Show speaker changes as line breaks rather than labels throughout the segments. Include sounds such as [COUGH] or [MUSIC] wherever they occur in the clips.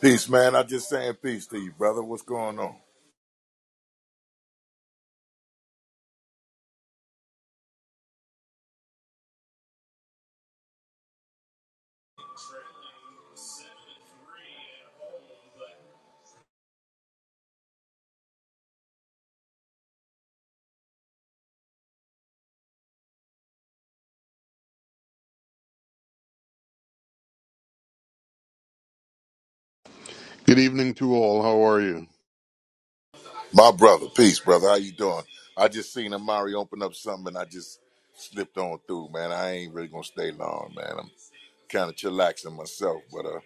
Peace, man. I just saying peace to you, brother. What's going on?
Good evening to all. How are you?
My brother, peace, brother. How you doing? I just seen Amari open up something and I just slipped on through, man. I ain't really gonna stay long, man. I'm kind of chillaxing myself, but uh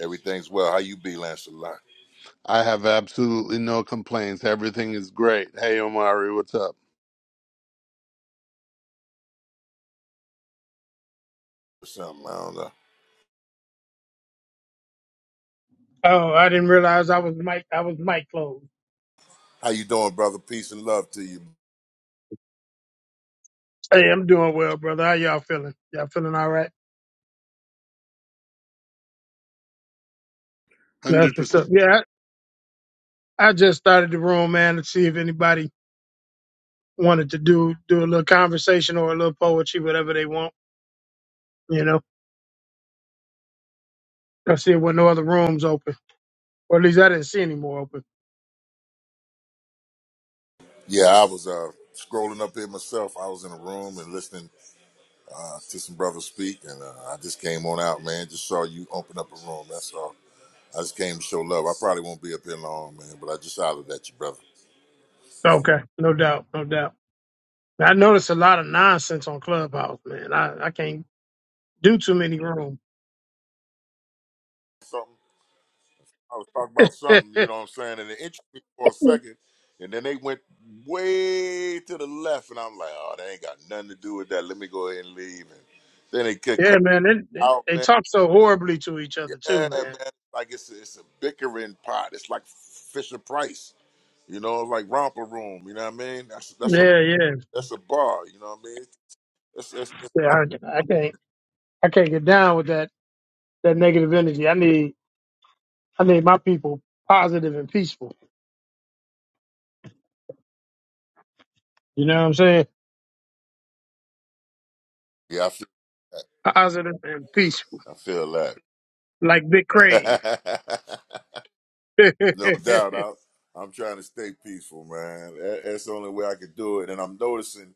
everything's well. How you be, Lance Lancelot?
I have absolutely no complaints. Everything is great. Hey, Omari, what's up?
Or something, I don't know.
Oh, I didn't realize I was mic. I was mic closed.
How you doing, brother? Peace and love to you.
Hey, I'm doing well, brother. How y'all feeling? Y'all feeling all right? That's what's up.
100%.
Yeah, I, I just started the room, man, to see if anybody wanted to do do a little conversation or a little poetry, whatever they want. You know, I see it when no other rooms open, or at least I didn't see any more open.
Yeah, I was uh scrolling up here myself. I was in a room and listening uh, to some brothers speak and uh, I just came on out, man. Just saw you open up a room. That's all. I just came to show love. I probably won't be up here long, man, but I just hollered at you, brother.
Okay, no doubt, no doubt. I noticed a lot of nonsense on Clubhouse, man. I I can't do too many rooms.
Something I was talking about
[LAUGHS] yeah,
something, you know what I'm saying, and it interested me for a second, and then they went way to the left, and I'm like, oh, they ain't got nothing to do with that. Let me go ahead and leave. And then they could cut
man, they, they
out,
they
man.
talk so horribly to each
Yeah,
other too, man.
man. Like it's a, it's a bickering pot. It's like Fisher Price, you know, like romper room. You know what I mean? That's that's a
Yeah, yeah.
that's a bar. You know what I mean? It's, it's, it's romper.
Yeah, I, I can't. I can't get down with that that negative energy. I need. I need my people positive and peaceful. You know what I'm saying?
Yeah, I feel,
Positive and peaceful,
I feel
like Big Crave.
that. [LAUGHS]
[LAUGHS]
No doubt. I, I'm trying to stay peaceful, man. That, that's the only way I could do it. And I'm noticing,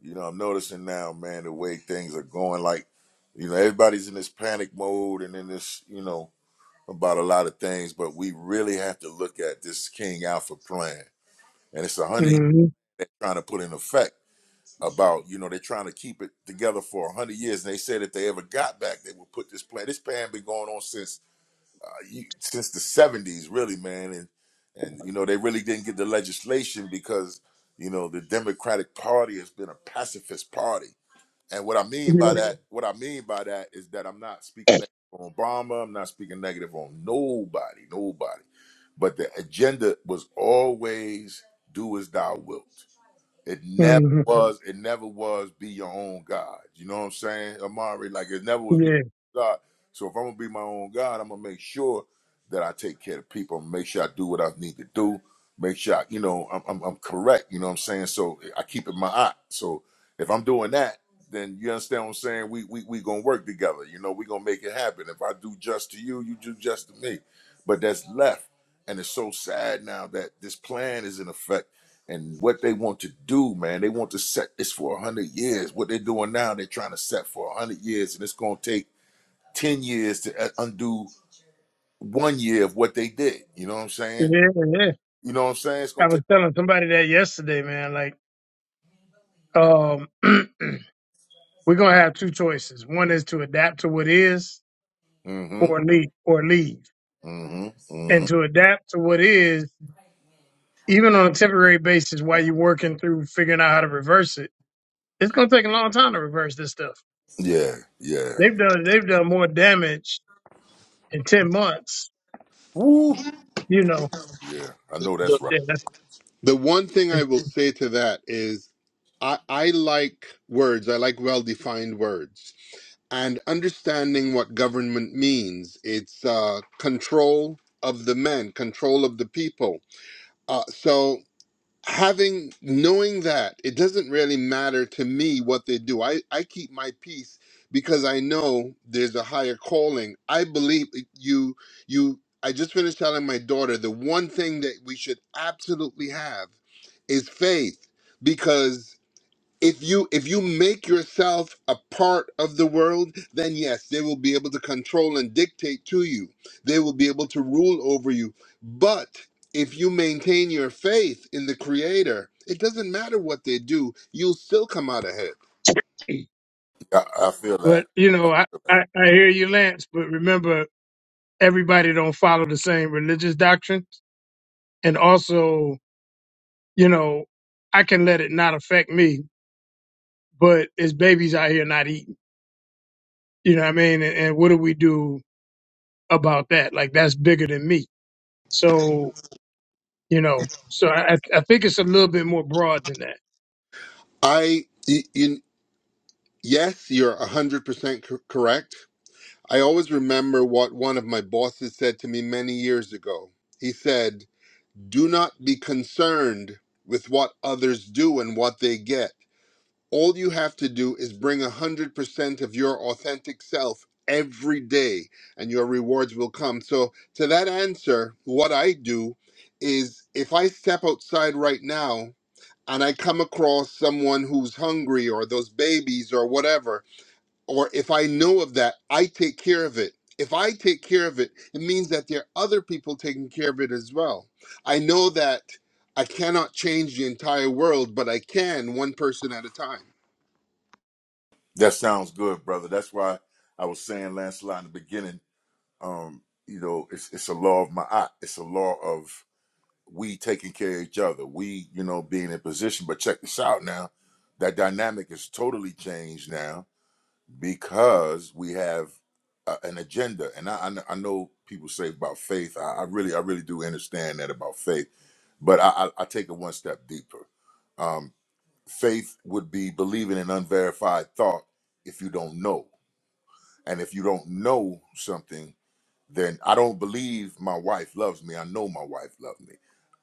you know, I'm noticing now, man, the way things are going. Like, you know, everybody's in this panic mode and in this, you know, about a lot of things, but we really have to look at this King Alpha plan. And it's a hundred years
hmm
trying to put in effect about, you know, they're trying to keep it together for a hundred years. And they said if they ever got back, they would put this plan. This plan been going on since you, since the seventies, really, man, and and you know they really didn't get the legislation because you know the Democratic Party has been a pacifist party, and what I mean
Yeah.
by that, what I mean by that is that I'm not speaking negative on Obama, I'm not speaking negative on nobody, nobody, but the agenda was always do as thou wilt. It never
hmm
was. It never was. Be your own God. You know what I'm saying, Amari? Like it never was. Be
Yeah.
your own God. So if I'm gonna be my own God, I'm gonna make sure that I take care of people. Make sure I do what I need to do. Make sure I, you know I'm, I'm I'm correct. You know what I'm saying. So I keep it my eye. So if I'm doing that, then you understand what I'm saying. We we we gonna work together. You know we gonna make it happen. If I do just to you, you do just to me. But that's left, and it's so sad now that this plan is in effect and what they want to do, man. They want to set this for a hundred years. What they're doing now, they're trying to set for a hundred years, and it's going to take ten years to uh, undo one year of what they did. You know what I'm saying?
Yeah. Yeah.
You know what I'm saying? It's
I
going to
was
take.
telling somebody that yesterday, man. Like, um, [CLEARS THROAT] we're gonna have two choices. One is to adapt to what is, or
Mm-hmm.
leave, or leave.
Mm-hmm. Mm-hmm.
And to adapt to what is, even on a temporary basis, while you're working through figuring out how to reverse it It's gonna take a long time to reverse this stuff.
Yeah. Yeah.
They've done they've done more damage in ten months,
Woo.
you know.
Yeah. I know that's right.
than-
The one thing
than-
I will say to that is I, I like words, I like well defined words. And understanding what government means, it's uh, control of the men, control of the people. Uh, so having knowing that it doesn't really matter to me what they do i i keep my peace because i know there's a higher calling i believe eh, you you i just finished telling my daughter the one thing that we should absolutely have is faith because if you if you make yourself a part of the world then yes they will be able to control and dictate to you they will be able to rule over you but if you maintain your faith in the creator it doesn't matter what they do you'll still come out ahead
I, I feel
But
that.
you know, I, I, I hear you, Lance. But remember, everybody don't follow the same religious doctrine, and also, you know, I can let it not affect me. But it's babies out here not eating. You know what I mean? And, and what do we do about that? Like that's bigger than me. So you know, so I I I think it's a little bit more broad than that.
i y- you, yes you're 100% cor- correct i always remember what one of my bosses said to me many years ago he said do not be concerned with what others do and what they get All you have to do is bring 100% of your authentic self every day, and your rewards will come. So, to that answer, what I do is if I step outside right now and I come across someone who's hungry or those babies or whatever, or if I know of that, I take care of it. If I take care of it, it means that there are other people taking care of it as well. I know that I cannot change the entire world, but I can one person at a time.
That sounds good, brother. That's why I was saying, Lancelot, in the beginning. Um, you know, it's it's a law of my eye. It's a law of we taking care of each other, we, you know, being in position. But check this out now. That dynamic is totally changed now because we have a, an agenda. And I, I, I know people say about faith. I, I really, I really do understand that about faith. But I, I, I take it one step deeper. Um, faith would be believing in unverified thought if you don't know. And if you don't know something, then I don't believe my wife loves me. I know my wife loves me.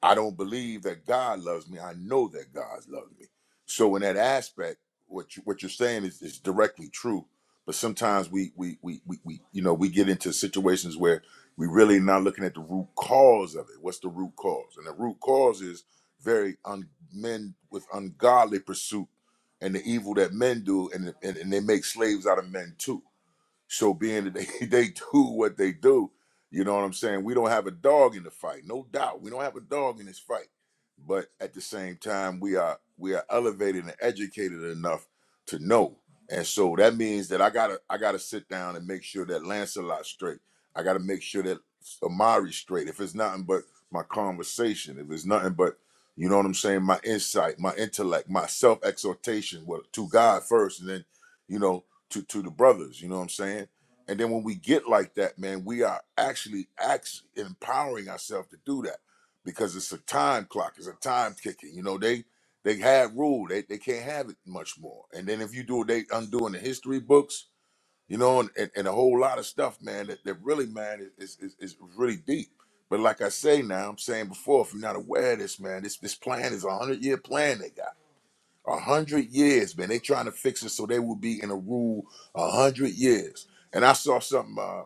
I don't believe that God loves me. I know that God loves me. So in that aspect, what you, what you're saying is, is directly true. But sometimes we we, we we we you know we get into situations where we really not looking at the root cause of it. What's the root cause? And the root cause is very un, men with ungodly pursuit and the evil that men do, and, and and they make slaves out of men too so being that [LAUGHS] they, they do what they do, you know what I'm saying? We don't have a dog in the fight, no doubt. We don't have a dog in this fight. But at the same time, we are we are elevated and educated enough to know. And so that means that I gotta I gotta sit down and make sure that Lancelot's straight. I gotta make sure that Amari's straight. If it's nothing but my conversation, if it's nothing but you know what I'm saying, my insight, my intellect, my self exhortation, well, to God first, and then you know to to the brothers. You know what I'm saying? And then when we get like that, man, we are actually actually empowering ourselves to do that because it's a time clock, it's a time kicking. You know, they they had rule, they they can't have it much more. And then if you do, they undoing the history books, you know, and, and, and a whole lot of stuff, man. That, that really, man, is, is is is really deep. But like I say now, I'm saying before, if you're not aware of this, man, this this plan is a hundred year plan they got a hundred years, man. They trying to fix it so they will be in a rule a hundred years. And I saw something uh,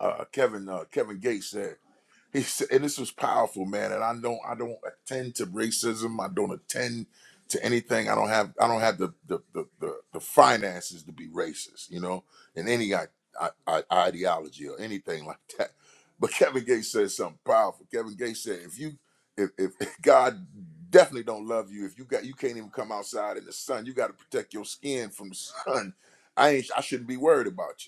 uh, Kevin uh, Kevin Gates said. He said, and this was powerful, man. And I don't, I don't attend to racism. I don't attend to anything. I don't have, I don't have the the the, the, the finances to be racist, you know, in any I, I, I, ideology or anything [LAUGHS] like that. But Kevin Gates said something powerful. Kevin Gates said, if you, if, if [LAUGHS] God definitely don't love you, if you got, you can't even come outside in the sun. You got to protect your skin from the sun. I ain't, I shouldn't be worried about you.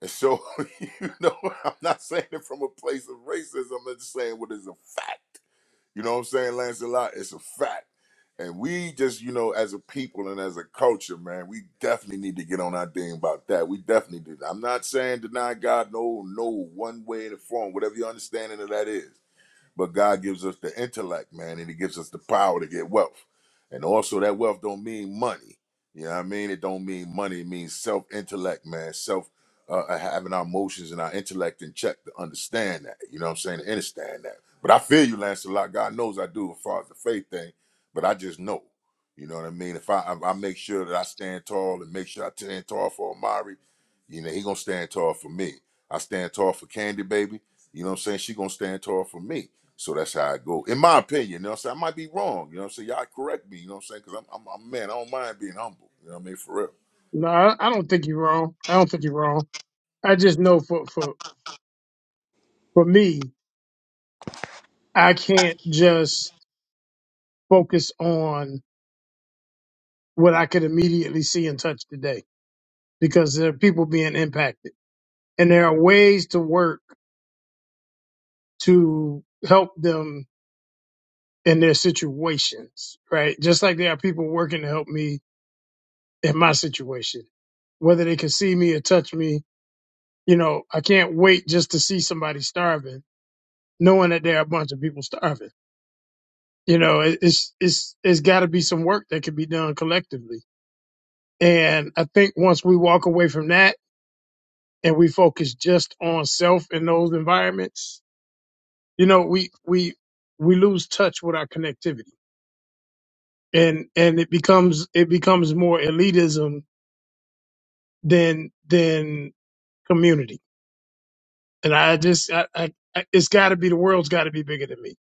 And so, [LAUGHS] you know, I'm not saying it from a place of racism. I'm just saying what is a fact. You know what I'm saying, Lancelot? It's a fact. And we just, you know, as a people and as a culture, man, we definitely need to get on our thing about that. We definitely do. I'm not saying deny God, no, no, one way in the form, whatever your understanding of that is. But God gives us the intellect, man, and He gives us the power to get wealth. And also, that wealth don't mean money. You know what I mean? It don't mean money. It means self intellect, man. Self uh, having our emotions and our intellect in check to understand that. You know what I'm saying? To understand that. But I feel you, Lance, a lot. God knows I do as far as the faith thing. But I just know. You know what I mean? If I I I make sure that I stand tall and make sure I stand tall for Amari, you know he gonna stand tall for me. I stand tall for Candy Baby. You know what I'm saying? She gonna stand tall for me. So that's how I go. In my opinion, you know what I'm saying? I might be wrong. You know what I'm saying? Y'all correct me, you know what I'm saying? Because I'm, I'm, I'm, man, I don't mind being humble. You know what I mean? For real.
No, I, I don't think you're wrong. I don't think you're wrong. I just know for for for me, I can't just focus on what I could immediately see and touch today because there are people being impacted, and there are ways to work to help them in their situations. Right, just like there are people working to help me in my situation, whether they can see me or touch me. You know, I can't wait just to see somebody starving, knowing that there are a bunch of people starving you know it- it's it's it's got to be some work that can be done collectively and i think once we walk away from that and we focus just on self in those environments you know we we we lose touch with our connectivity and and it becomes it becomes more elitism than than community and i just i, I I- it's got to be the world's got to be bigger than me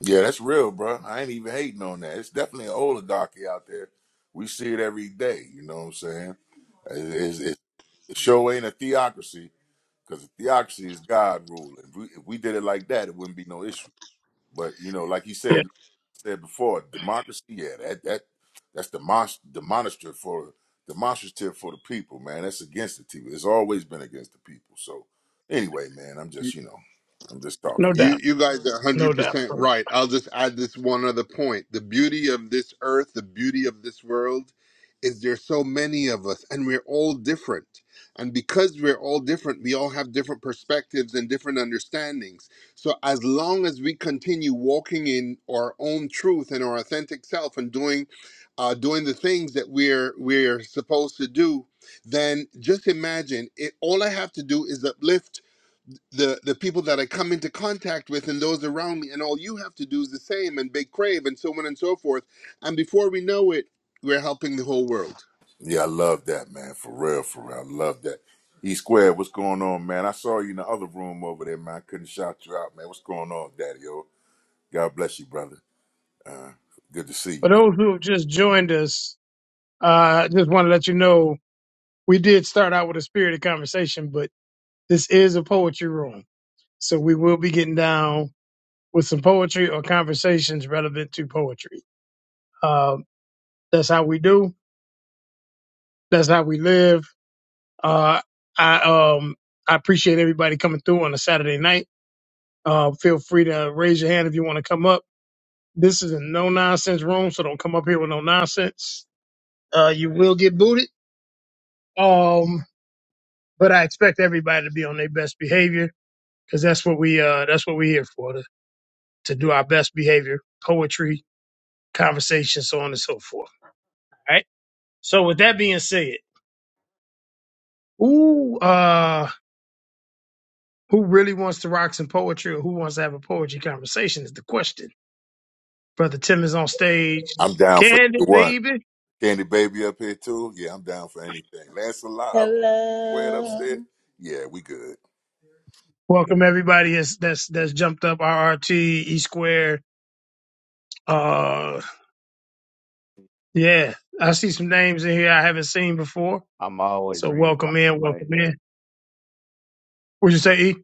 Yeah, that's real, bro. I ain't even hating on that. It's definitely an oligarchy out there. We see it every day. You know what I'm saying? It, it, it sure ain't a theocracy because a theocracy is God ruling. If we, if we did it like that, it wouldn't be no issue. But, you know, like he said,
yeah
said before, democracy, yeah, that that that's demonst- demonstrative for demonstrative for the people, man. That's against the people. It's always been against the people. So anyway, man, I'm just you know, I'm just
no
talking.
You
doubt
you guys are
no
hundred
doubt
percent
for
right. I'll just add this one other point. The beauty of this earth, the beauty of this world, is there's so many of us and we're all different. And because we're all different, we all have different perspectives and different understandings. So as long as we continue walking in our own truth and our authentic self and doing uh, doing the things that we're we're supposed to do, then just imagine it all I have to do is uplift the the people that I come into contact with and those around me, and all you have to do is the same and big crave and so on and so forth. And before we know it, we're helping the whole world.
Yeah, I love that, man. For real, for real, I love that. E squared, what's going on, man? I saw you in the other room over there, man. I couldn't shout you out, man. What's going on, Daddy? Oh, God bless you, brother. Good to see you, man.
those who have just joined us uh, I just want to let you know we did start out with a spirited conversation, but this is a poetry room. So we will be getting down with some poetry or conversations relevant to poetry. Um, that's how we do. That's how we live. Uh, I, um, I appreciate everybody coming through on a Saturday night. Uh, feel free to raise your hand if you want to come up. This is a no nonsense room, so don't come up here with no nonsense. Uh, you will get booted. Um, but I expect everybody to be on their best behavior because that's what we uh that's what we're here for. to do our best behavior, poetry, conversation, so on and so forth. All right. So with that being said, who uh who really wants to rock some poetry or who wants to have a poetry conversation is the question. Brother Tim is on stage.
I'm down for
Candid
you.
baby.
Candy Baby up here too. Yeah, I'm down for anything. Lancelot up squared
Hello.
upstairs. Yeah, we good.
Welcome everybody that's that's that's jumped up RRT, E Square. Uh yeah.
Yeah,
I see some names in here I haven't seen before.
I'm always
So
ready to rock
welcome
the
in,
mic.
welcome in. Would you say E?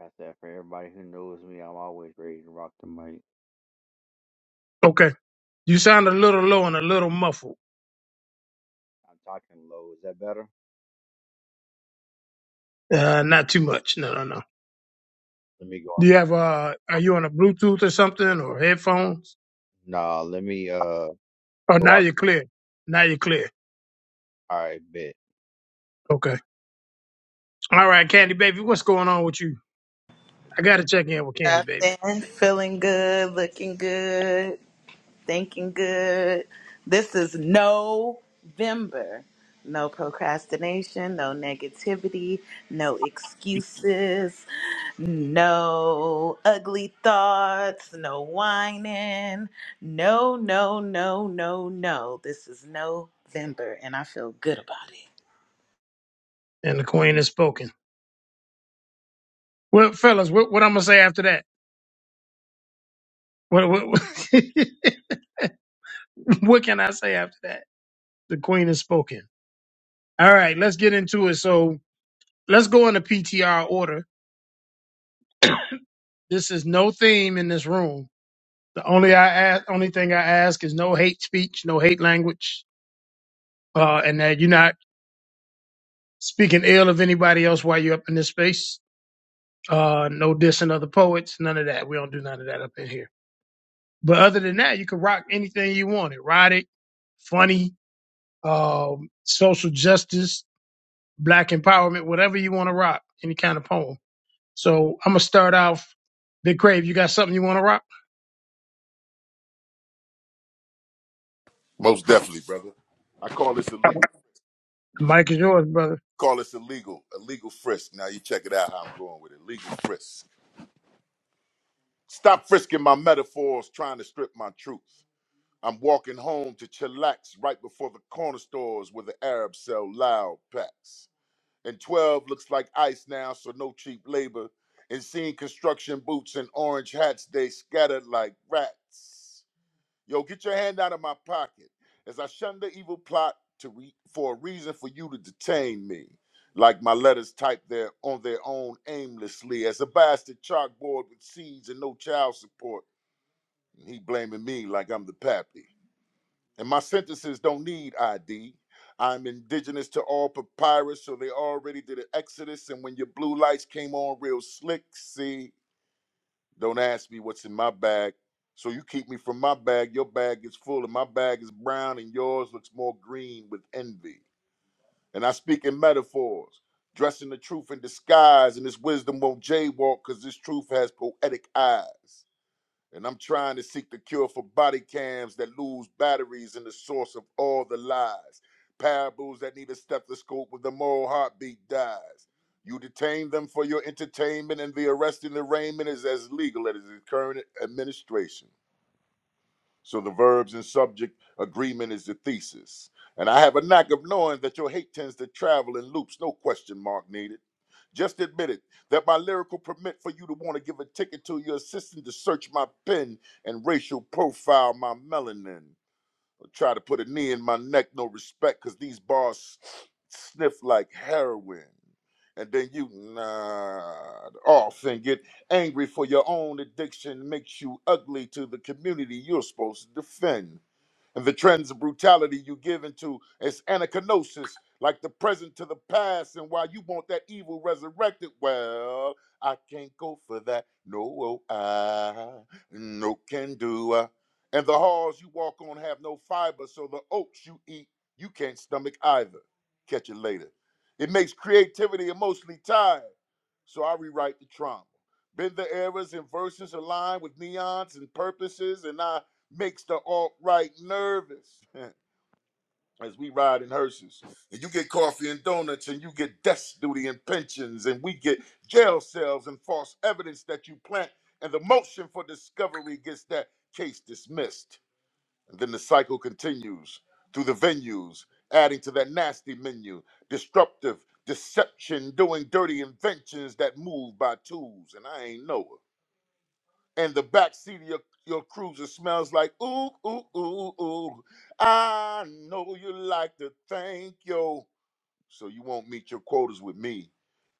I said, for everybody who knows me, I'm always ready to rock the mic.
Okay. You sound a little low and a little muffled.
I'm talking low. Is that better?
Uh, not too much. No, no, no.
Let me go
Do
out.
you have uh are you on a Bluetooth or something or headphones?
Nah, let me uh
Oh
go
now
out.
you're clear. Now you're clear.
All right, bet.
Okay. All right, Candy Baby, what's going on with you? I gotta check in with Candy Baby.
Nothing. Feeling good, looking good, thinking good. This is November. No procrastination, no negativity, no excuses, no ugly thoughts, no whining. No, no, no, no, no. This is November and I feel good about it.
And the Queen has spoken. Well, fellas, what, what I'm gonna say after that? What what, [LAUGHS] what can I say after that? The Queen has spoken. All right, let's get into it. So let's go into PTR order. This is no theme in this room. The only I ask, only thing I ask is no hate speech, no hate language uh, and that you're not speaking ill of anybody else while you're up in this space. Uh, no dissing other poets, none of that. We don't do none of that up in here. But other than that, you can rock anything you want. Erotic, funny, um, social justice, black empowerment, whatever you want to rock, any kind of poem. So I'm gonna start off. Big Crave, you got something you want to rock?
Most definitely, brother. I call this illegal.
The mic is yours, brother.
Call this illegal. Illegal frisk. Now you check it out how I'm going with it. Legal frisk. Stop frisking my metaphors, trying to strip my truth. I'm walking home to chillax right before the corner stores where the Arabs sell loud packs. And 12 looks like ice now, so no cheap labor. And seeing construction boots and orange hats, they scattered like rats. Yo, get your hand out of my pocket as I shun the evil plot to re- for a reason for you to detain me. Like my letters typed there on their own aimlessly, as a bastard chalkboard with seeds and no child support. And he blaming me like I'm the pappy. And my sentences don't need ID. I'm indigenous to all papyrus, so they already did an exodus. And when your blue lights came on real slick, see, don't ask me what's in my bag. So you keep me from my bag. Your bag is full, and my bag is brown, and yours looks more green with envy. And I speak in metaphors, dressing the truth in disguise, and this wisdom won't jaywalk because this truth has poetic eyes and I'm trying to seek the cure for body cams that lose batteries and the source of all the lies. Parables that need a stethoscope when the moral heartbeat dies. You detain them for your entertainment, and the arrest and arraignment is as legal as the current administration. So the verbs and subject agreement is the thesis. And I have a knack of knowing that your hate tends to travel in loops, no question mark needed. Just admit it that my lyrical permit for you to want to give a ticket to your assistant to search my pen and racial profile my melanin. Try to put a knee in my neck, no respect, cause these bars sniff like heroin. And then you nod off and get angry for your own addiction makes you ugly to the community you're supposed to defend and the trends of brutality you give into is anachronosis, like the present to the past. And why you want that evil resurrected, well, I can't go for that. No, oh, I no can do. I. And the halls you walk on have no fiber, so the oats you eat you can't stomach either. Catch it later. It makes creativity emotionally tired so I rewrite the trauma. Bend the errors and verses align with neons and purposes, and I makes the alt right nervous [LAUGHS] as we ride in hearses. And you get coffee and donuts, and you get death duty and pensions, and we get jail cells and false evidence that you plant, and the motion for discovery gets that case dismissed. And then the cycle continues through the venues, adding to that nasty menu, disruptive deception, doing dirty inventions that move by tools, and I ain't know it. And the backseat of your, your cruiser smells like ooh, ooh, ooh, ooh. I know you like to thank yo so you won't meet your quotas with me.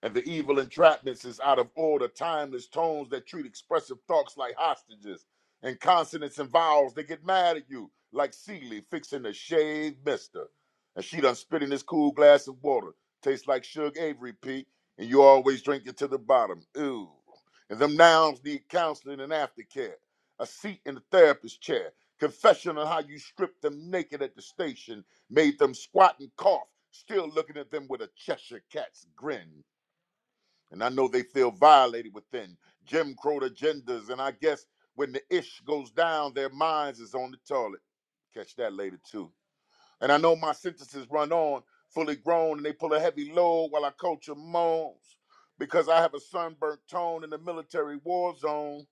And the evil entrapments is out of order, timeless tones that treat expressive thoughts like hostages, and consonants and vowels that get mad at you, like Seeley fixing a shaved mister. And she done spit in this cool glass of water, tastes like Suge Avery, Pete, and you always drink it to the bottom. Ew. And them nouns need counseling and aftercare, a seat in the therapist's chair, confession on how you stripped them naked at the station, made them squat and cough, still looking at them with a Cheshire cat's grin. And I know they feel violated within Jim Crow agendas, and I guess when the ish goes down, their minds is on the toilet. Catch that later too. And I know my sentences run on, fully grown, and they pull a heavy load while I culture moans. Because I have a sunburnt tone in the military war zone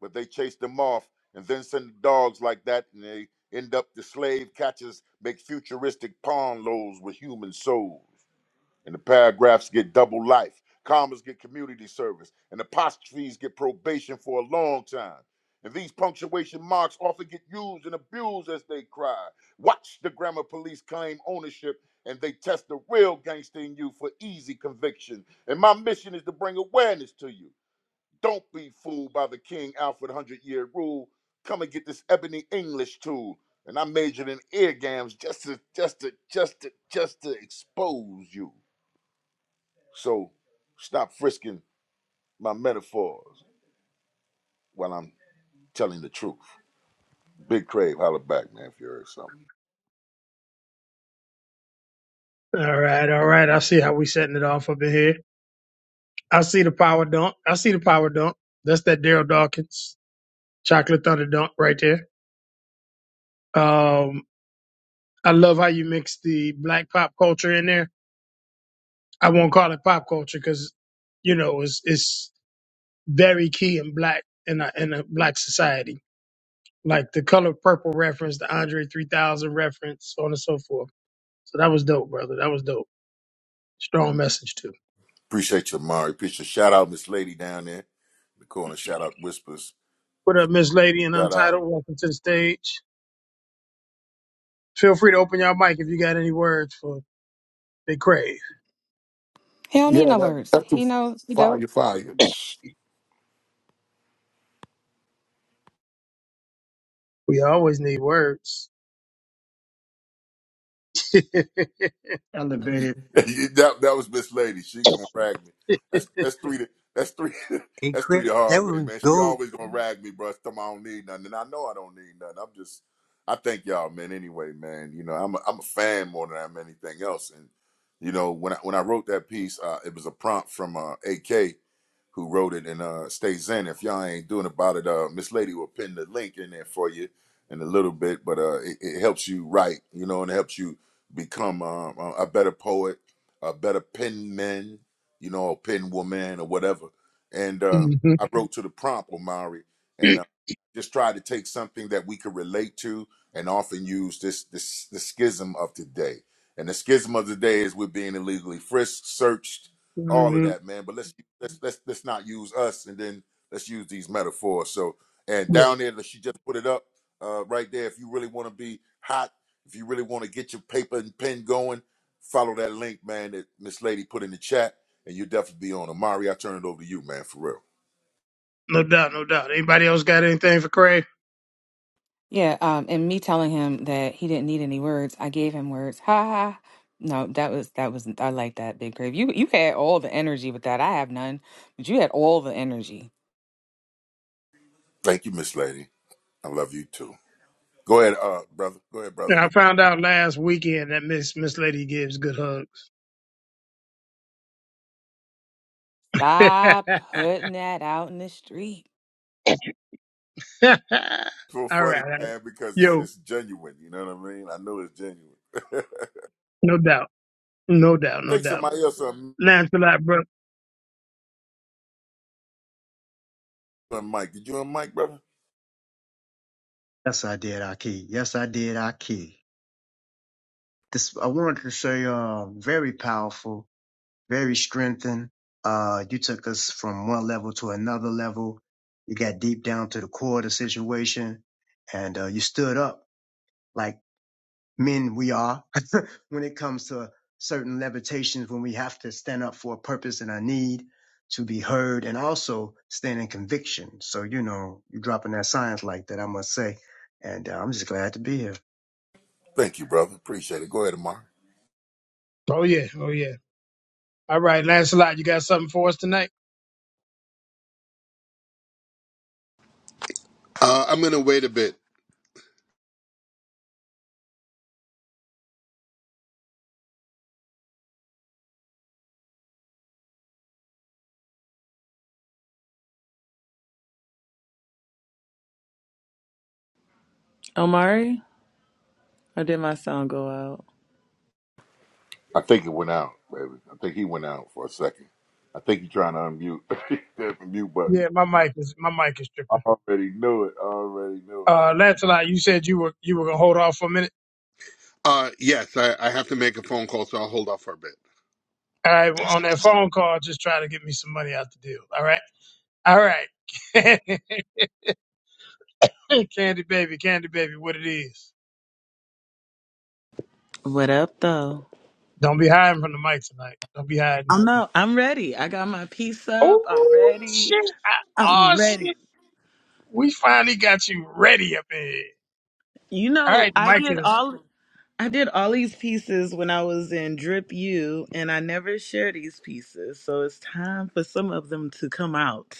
but they chase them off and then send the dogs like that and they end up the slave catchers make futuristic pawn loads with human souls and the paragraphs get double life commas get community service and apostrophes get probation for a long time and these punctuation marks often get used and abused as they cry watch the grammar police claim ownership and they test the real gangster in you for easy conviction and my mission is to bring awareness to you don't be fooled by the King Alfred 100 year rule. Come and get this ebony English tool. And I majored in eargams just to, just to, just to, just to expose you. So stop frisking my metaphors while I'm telling the truth. Big Crave, holler back, man, if you heard something.
All right, all right. I see how we setting it off up in here. I see the power dunk. I see the power dunk. That's that Daryl Dawkins. Chocolate Thunder Dunk right there. Um, I love how you mix the black pop culture in there. I won't call it pop culture because, you know, it's, it's very key in black, in a, in a black society. Like the color purple reference, the Andre 3000 reference, so on and so forth. So that was dope, brother. That was dope. Strong message too.
Appreciate you, Amari. Appreciate you. shout out Miss Lady down there. in The corner shout out whispers.
What up, Miss Lady and
Shout out.
Untitled? Welcome to the stage. Feel free to open your mic if you got any words for Big Crave.
He don't need
Yeah,
no
that,
words.
that's
He
the
knows he dope.
fire, fire.
Shh.
We always need words. [LAUGHS]
Elevated.
[LAUGHS] that that was Miss Lady. She gonna rag me. That's that's three. To, that's three. [LAUGHS]
It
that's three
created
the
that
hard way,
was
man. She
gold.
always gonna rag me, bro. Tell me I don't need nothing, and I know I don't need nothing. I'm just. I thank y'all, man. Anyway, man, you know I'm a, I'm a fan more than I'm anything else, and you know when I when I wrote that piece, uh, it was a prompt from uh, AK who wrote it. And uh, stay zen. If y'all ain't doing about it, uh, Miss Lady will pin the link in there for you in a little bit. But uh, it, it helps you write, you know, and it helps you become um, a a better poet, a better pen man, you know, or pen woman or whatever. And uh,
Mhm.
I wrote to the prompt, Omari, and uh, just tried to take something that we could relate to and often use this this the schism of today. And the schism of the day is we're being illegally frisked, searched, all of
Mhm.
that, man. But let's let's let's let's not use us, and then let's use these metaphors. So, and down there, she just put it up uh, right there. If you really want to be hot, if you really want to get your paper and pen going, follow that link, man. That Miss Lady put in the chat, and you'll definitely be on. Amari, I turn it over to you, man, for real.
No doubt, no doubt. Anybody else got anything for Craig?
Yeah, um, and me telling him that he didn't need any words, I gave him words. Ha ha. No, that was that was I like that big grave. You you had all the energy with that. I have none, but you had all the energy.
Thank you, Miss Lady. I love you too. Go ahead,
Powerful.
uh, brother. Go ahead, brother.
Yeah, I
The-
found out last weekend that Miss Miss Lady gives good hugs.
Stop
[LAUGHS]
putting that out in the street.
It's so
all
funny,
right.
man, because
Yo,
it's genuine. You know what I mean? I know it's genuine. [LAUGHS]
no doubt. No doubt, no
Think
doubt.
somebody else on
Lancelot, bro.
Mike. Did you on Mike, brother?
Yes, I did, Aki. Yes, I did, Aki. This I wanted to say, uh, very powerful, very strengthened. Uh, you took us from one level to another level. You got deep down to the core of the situation, and uh, you stood up like men we are [LAUGHS] when it comes to certain levitations when we have to stand up for a purpose and a need to be heard, and also stand in conviction. So you know, you're dropping that science like that. I must say, and uh, I'm just glad to be here.
Thank you, brother. Appreciate it. Go ahead, Amar.
Oh yeah, oh yeah. All right, Lancelot, you got something for us tonight?
Uh, I'm gonna wait a bit.
Omari, or did my sound go out?
I think it went out, baby. I think he went out for a second. I think he's trying to unmute [LAUGHS] that mute button.
Yeah, my mic is my mic is
I
tripping.
already knew it. I already knew it.
Uh Lancelot, you said you were you were gonna hold off for a minute.
Uh, yes, I, I have to make a phone call, so I'll hold off for a bit.
All right, well, on that phone call, just try to get me some money out the deal. All right. All right. [LAUGHS] candy baby, candy baby, what it is.
What up, though?
Don't be hiding from the mic tonight. Don't be hiding.
I know. I'm ready. I got my piece up. I'm
Oh
ready.
shit! I, oh
I'm ready.
shit! We finally got you ready up in here.
You
All
know,
right, the
I
mic
did
is
all I did all these pieces when I was in Drip U and I never share these pieces. So it's time for some of them to come out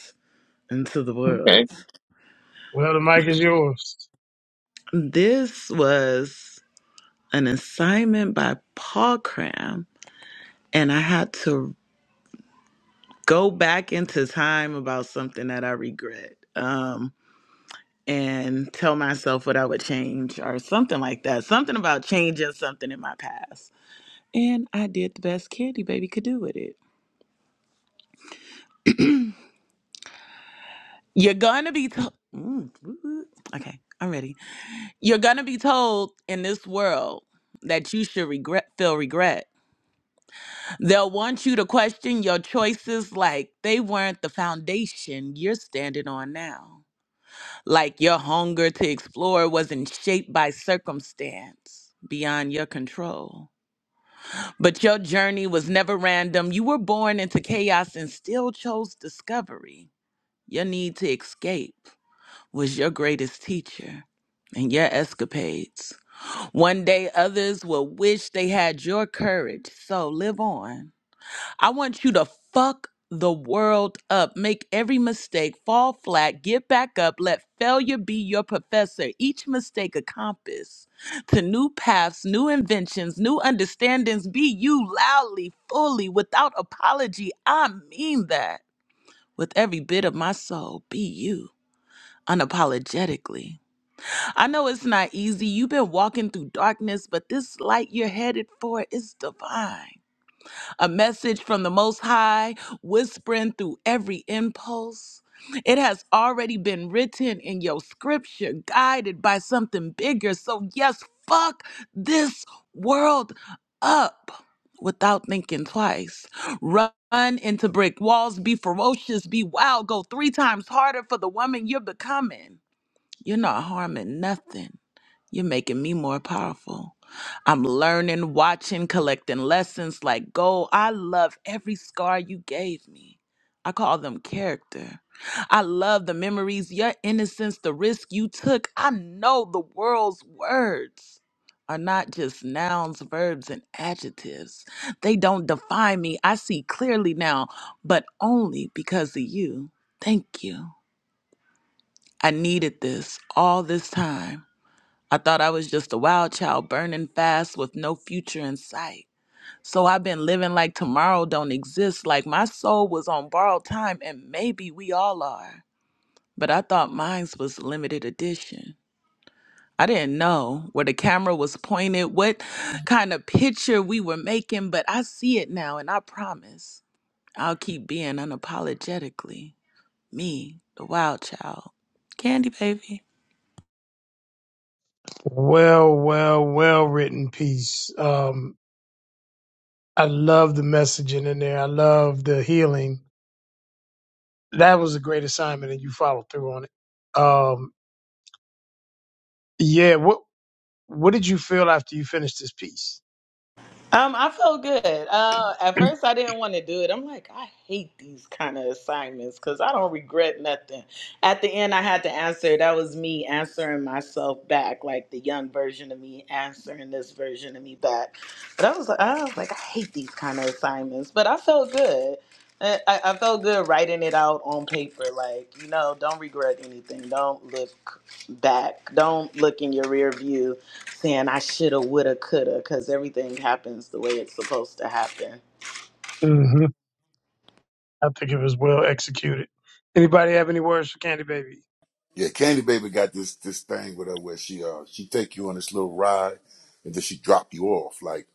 into the
okay.
world.
Well, the mic is yours.
This was an assignment by Paul Cram and I had to go back into time about something that I regret. Um, and tell myself what I would change or something like that. Something about changing something in my past. And I did the best Candy Baby could do with it. You're going to be told. Mm, woo, woo. Okay, I'm ready. You're going to be told in this world that you should regret feel regret. They'll want you to question your choices like they weren't the foundation you're standing on now. Like your hunger to explore wasn't shaped by circumstance beyond your control But your journey was never random. You were born into chaos and still chose discovery. Your need to escape was your greatest teacher and your escapades. One day others will wish they had your courage. So live on. I want you to fuck the world up, make every mistake, fall flat, get back up, let failure be your professor. Each mistake a compass to new paths, new inventions, new understandings. Be you loudly, fully, without apology. I mean that with every bit of my soul. Be you unapologetically. I know it's not easy. You've been walking through darkness, but this light you're headed for is divine a message from the Most High, whispering through every impulse. It has already been written in your scripture, guided by something bigger. So, yes, fuck this world up without thinking twice. Run into brick walls, be ferocious, be wild, go three times harder for the woman you're becoming. You're not harming nothing you're making me more powerful. I'm learning, watching, collecting lessons like gold. I love every scar you gave me. I call them character. I love the memories, your innocence, the risk you took. I know the world's words are not just nouns, verbs, and adjectives. They don't define me. I see clearly now, but only because of you. Thank you. I needed this all this time. I thought I was just a wild child burning fast with no future in sight. So I've been living like tomorrow don't exist, like my soul was on borrowed time, and maybe we all are. But I thought mine's was limited edition. I didn't know where the camera was pointed, what kind of picture we were making, but I see it now, and I promise I'll keep being unapologetically me, the wild child. Candy baby.
Well, well, well written piece. Um, I love the messaging in there. I love the healing. That was a great assignment, and you followed through on it. Um, yeah. What What did you feel after you finished this piece?
Um, I felt good. Uh, at first, I didn't want to do it. I'm like, I hate these kind of assignments because I don't regret nothing. At the end, I had to answer. That was me answering myself back, like the young version of me answering this version of me back. But I was like, I was like, I hate these kind of assignments. But I felt good. I, I I felt good writing it out on paper. Like, you know, don't regret anything. Don't look back. Don't look in your rear view saying I shoulda, woulda, coulda, because everything happens the way it's supposed to happen.
hmm I think it was well executed. Anybody have any words for Candy Baby?
Yeah, Candy Baby got this this thing with her where she uh she take you on this little ride and then she drop you off. Like,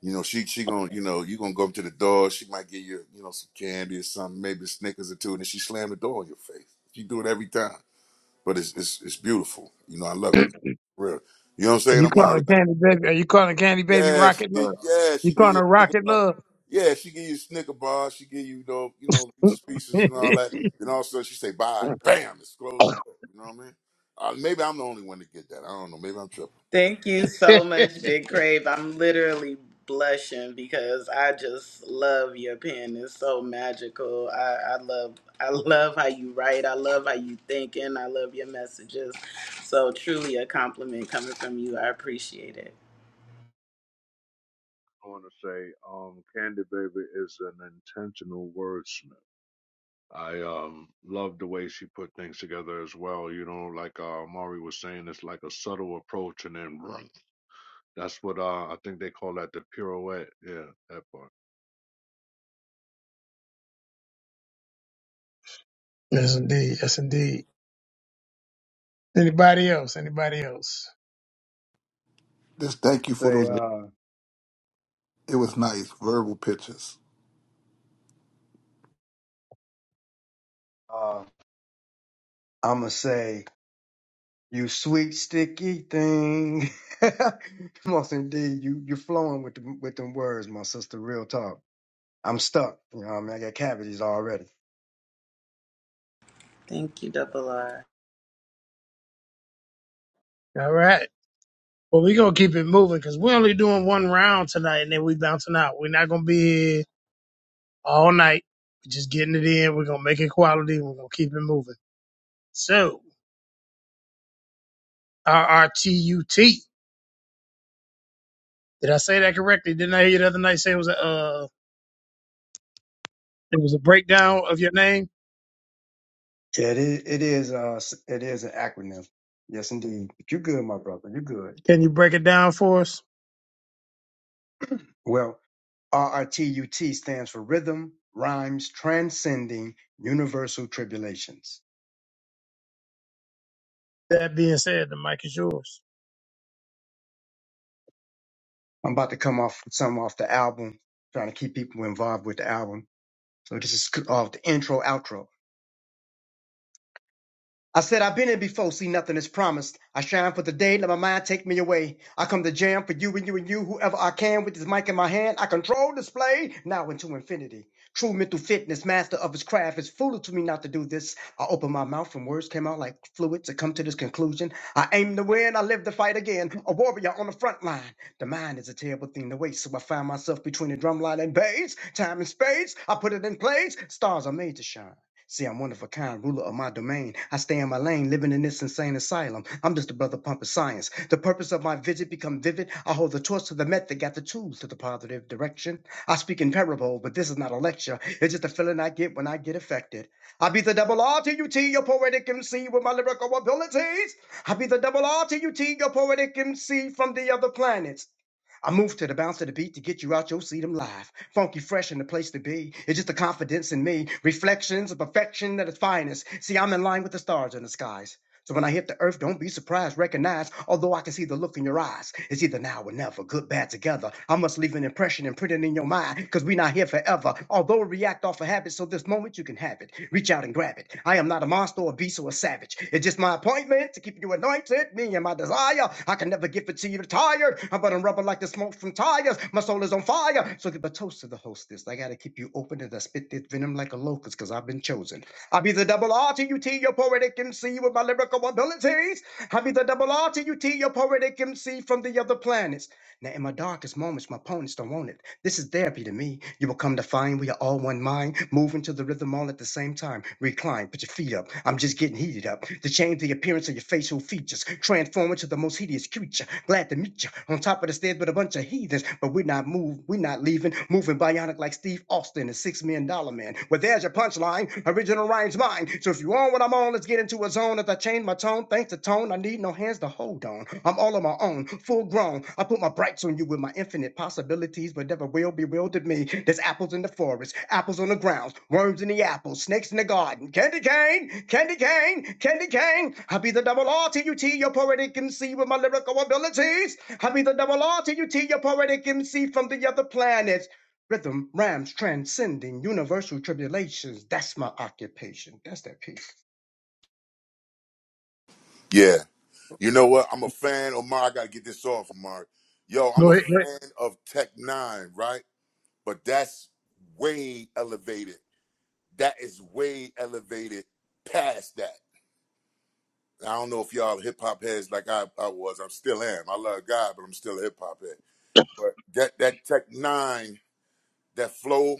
you know, she she gonna you know, you gonna go up to the door, she might give you, you know, some candy or something, maybe Snickers or two, and then she slam the door in your face. She do it every time. But it's it's it's beautiful. You know, I love it. Real. You know what I'm
Are
saying,
you
Amari?
calling Candy Baby? Are you calling Candy Baby
Yeah, she
Rocket
get
Love?
yeah,
You
she give
calling
you a
her
snicker
Rocket
bar.
Love?
Yeah, she give you a snicker bar, she give you you know, you know,
[LAUGHS]
pieces pieces
yes,
and all that. And all of a sudden she say bye. Bam, it's close the door. You know what I mean? Uh, maybe I'm the only one to get that. I don't know. Maybe I'm tripping.
Thank you so much, Big Crave. I'm literally blushing because I just love your pen. It's so magical. I, I love I love how you write. I love how you think and I love your messages. So truly a compliment coming from you. I appreciate it.
going to say um, Candy Baby is an intentional wordsmith. I um, love the way she put things together as well. You know, like uh, Mari was saying, it's like a subtle approach and then bruh. that's what uh, I think they call that the pirouette. Yeah, that part.
indeed. Yes, indeed. Anybody else? Anybody else?
Just thank you for
say
those.
uh
It was nice, verbal pictures.
uh I'ma say you sweet sticky thing. [LAUGHS] Most indeed, you you flowing with the with them words, my sister. Real talk. I'm stuck. You know, what I mean, I got cavities already.
Thank you, Double R.
All right. Well, we're going to keep it moving because we're only doing one round tonight and then we bouncing out. We're not going to be here all night. We're just getting it in. We're going to make it quality we're going to keep it moving. So, RRTUT. Did I say that correctly? Didn't I hear you the other night say it was a, uh, it was a breakdown of your name?
Yeah, it is. It is. Uh, s- it is an acronym. Yes, indeed. But you good, my brother. You good.
Can you break it down for us?
Well, RRTUT stands for Rhythm Rhymes Transcending Universal Tribulations.
That being said, the mic is yours.
I'm about to come off some off the album, trying to keep people involved with the album So this is off the intro, outro. I said, I've been here before, see nothing is promised. I shine for the day, let my mind take me away. I come to jam for you and you and you, whoever I can with this mic in my hand. I control display, now into infinity. True mental fitness, master of his craft. It's foolish to me not to do this. I opened my mouth and words came out like fluid to come to this conclusion. I aim to win, I live the fight again. A warrior on the front line. The mind is a terrible thing to waste, so I find myself between the drumline and bass. Time and space, I put it in place. Stars are made to shine. See, I'm one of a kind, ruler of my domain. I stay in my lane, living in this insane asylum. I'm just a brother pumping science. The purpose of my visit become vivid. I hold the torch to the method, got the tools to the positive direction. I speak in parable, but this is not a lecture. It's just a feeling I get when I get affected. I be the double R T U T, your poetic MC with my lyrical abilities. I be the double R T U T, your poetic MC from the other planets. I move to the bounce of the beat to get you out your seat. I'm live, funky, fresh, and the place to be. It's just the confidence in me, reflections of perfection at its finest. See, I'm in line with the stars in the skies. So when I hit the earth, don't be surprised, recognize, although I can see the look in your eyes. It's either now or never, good, bad, together. I must leave an impression and print it in your mind, because we not here forever. Although we react off a habit, so this moment you can have it. Reach out and grab it. I am not a monster, a beast, or a savage. It's just my appointment to keep you anointed, me and my desire. I can never give it to you tired. I'm burning rubber like the smoke from tires. My soul is on fire. So give a toast to the hostess. I gotta keep you open and I spit this venom like a locust, because I've been chosen. I be the double R T U T, your poetic MC with my lyrical abilities. I be the double R T U T, your poetic MC from the other planets. Now, in my darkest moments, my opponents don't want it. This is therapy to me. You will come to find we are all one mind, moving to the rhythm all at the same time. Recline, put your feet up. I'm just getting heated up. To change the appearance of your facial features, transform into the most hideous creature. Glad to meet you. On top of the stairs with a bunch of heathens, but we're not move, we're not leaving. Moving bionic like Steve Austin and Six Million Dollar Man. Well, there's your punchline. Original rhymes mine. So if you want what I'm on, on, let's get into a zone. As I change my tone, thanks to tone, I need no hands to hold on. I'm all on my own, full grown. I put my brights on you with my infinite possibilities, but never will bewildered me. There's apples in the forest, apples on the ground, worms in the apples, snakes in the garden. Candy cane, candy cane, candy cane. I be the double R T U T, your poetic MC with my lyrical abilities. I be the double R T U T, your poetic MC from the other planets. Rhythm, rhymes, transcending universal tribulations. That's my occupation. That's that piece.
Yeah. You know what? I'm a fan. Omar, I gotta get this off, Mark. Yo, I'm
Go
a
ahead. Go ahead.
fan of Tech Nine, right? But that's way elevated. That is way elevated past that. I don't know if y'all hip hop heads like I, I was. I'm still am. I love God, but I'm still a hip hop head. But that that Tech Nine, that flow,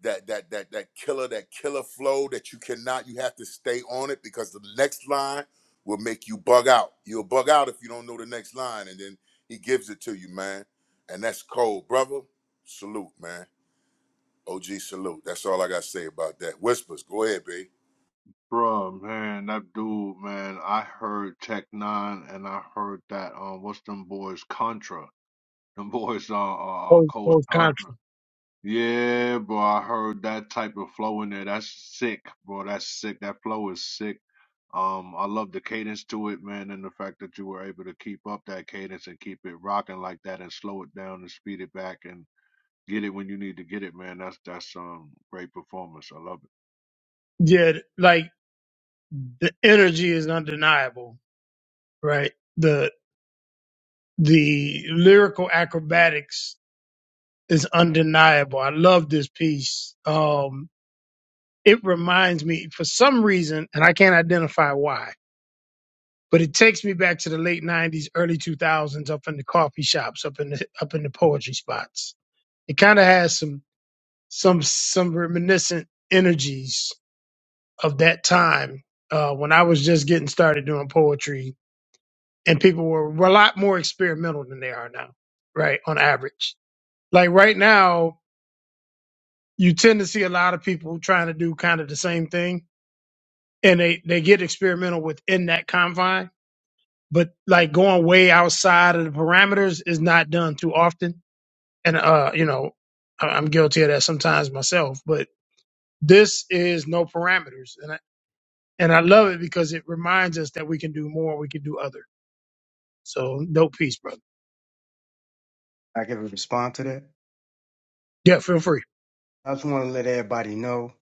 that that that that killer, that killer flow that you cannot, you have to stay on it because the next line will make you bug out. You'll bug out if you don't know the next line, and then he gives it to you, man. And that's cold, brother. Salute, man. OG salute. That's all I gotta say about that. Whispers, go ahead, babe.
Bruh, man, that dude, man, I heard Tech Nine and I heard that, um, what's them boys, Contra. Them [LAUGHS] boys, uh, uh,
Oh,
Coach
oh,
Contra.
Contra.
Yeah, boy, I heard that type of flow in there. That's sick, bro. That's sick. That flow is sick. Um, I love the cadence to it, man, and the fact that you were able to keep up that cadence and keep it rocking like that and slow it down and speed it back and get it when you need to get it, man. That's that's um great performance. I love
Yeah, like the energy is undeniable, right? The the lyrical acrobatics is undeniable. I love this piece. Um, it reminds me for some reason, and I can't identify why, but it takes me back to the late '90s, early 2000s, up in the coffee shops, up in the up in the poetry spots. It kind of has some some some reminiscent energies of that time uh, when I was just getting started doing poetry, and people were, were a lot more experimental than they are now, right? On average, like right now, you tend to see a lot of people trying to do kind of the same thing, and they they get experimental within that confine, but like going way outside of the parameters is not done too often, and uh, you know, I- I'm guilty of that sometimes myself, but this is no parameters, and I, and I love it because it reminds us that we can do more, we can do other. So dope piece, brother.
I can respond to that.
Yeah, feel free.
I just want to let everybody know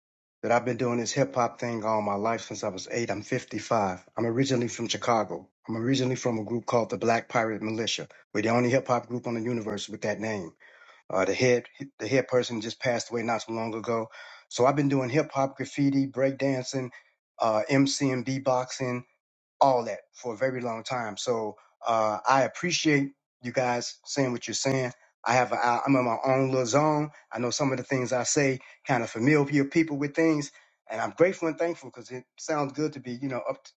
that I've been doing this hip hop thing all my life since I was eight. I'm 55. I'm originally from Chicago. I'm originally from a group called the Black Pirate Militia. We're the only hip hop group on the universe with that name. Uh, the head, the head person just passed away not so long ago. So I've been doing hip hop, graffiti, breakdancing, uh, MCing, beatboxing all that for a very long time. So uh, I appreciate you guys saying what you're saying. I have a, I- I'm in my own little zone. I know some of the things I say kind of familiar people with things, and I'm grateful and thankful because it sounds good to be you know up t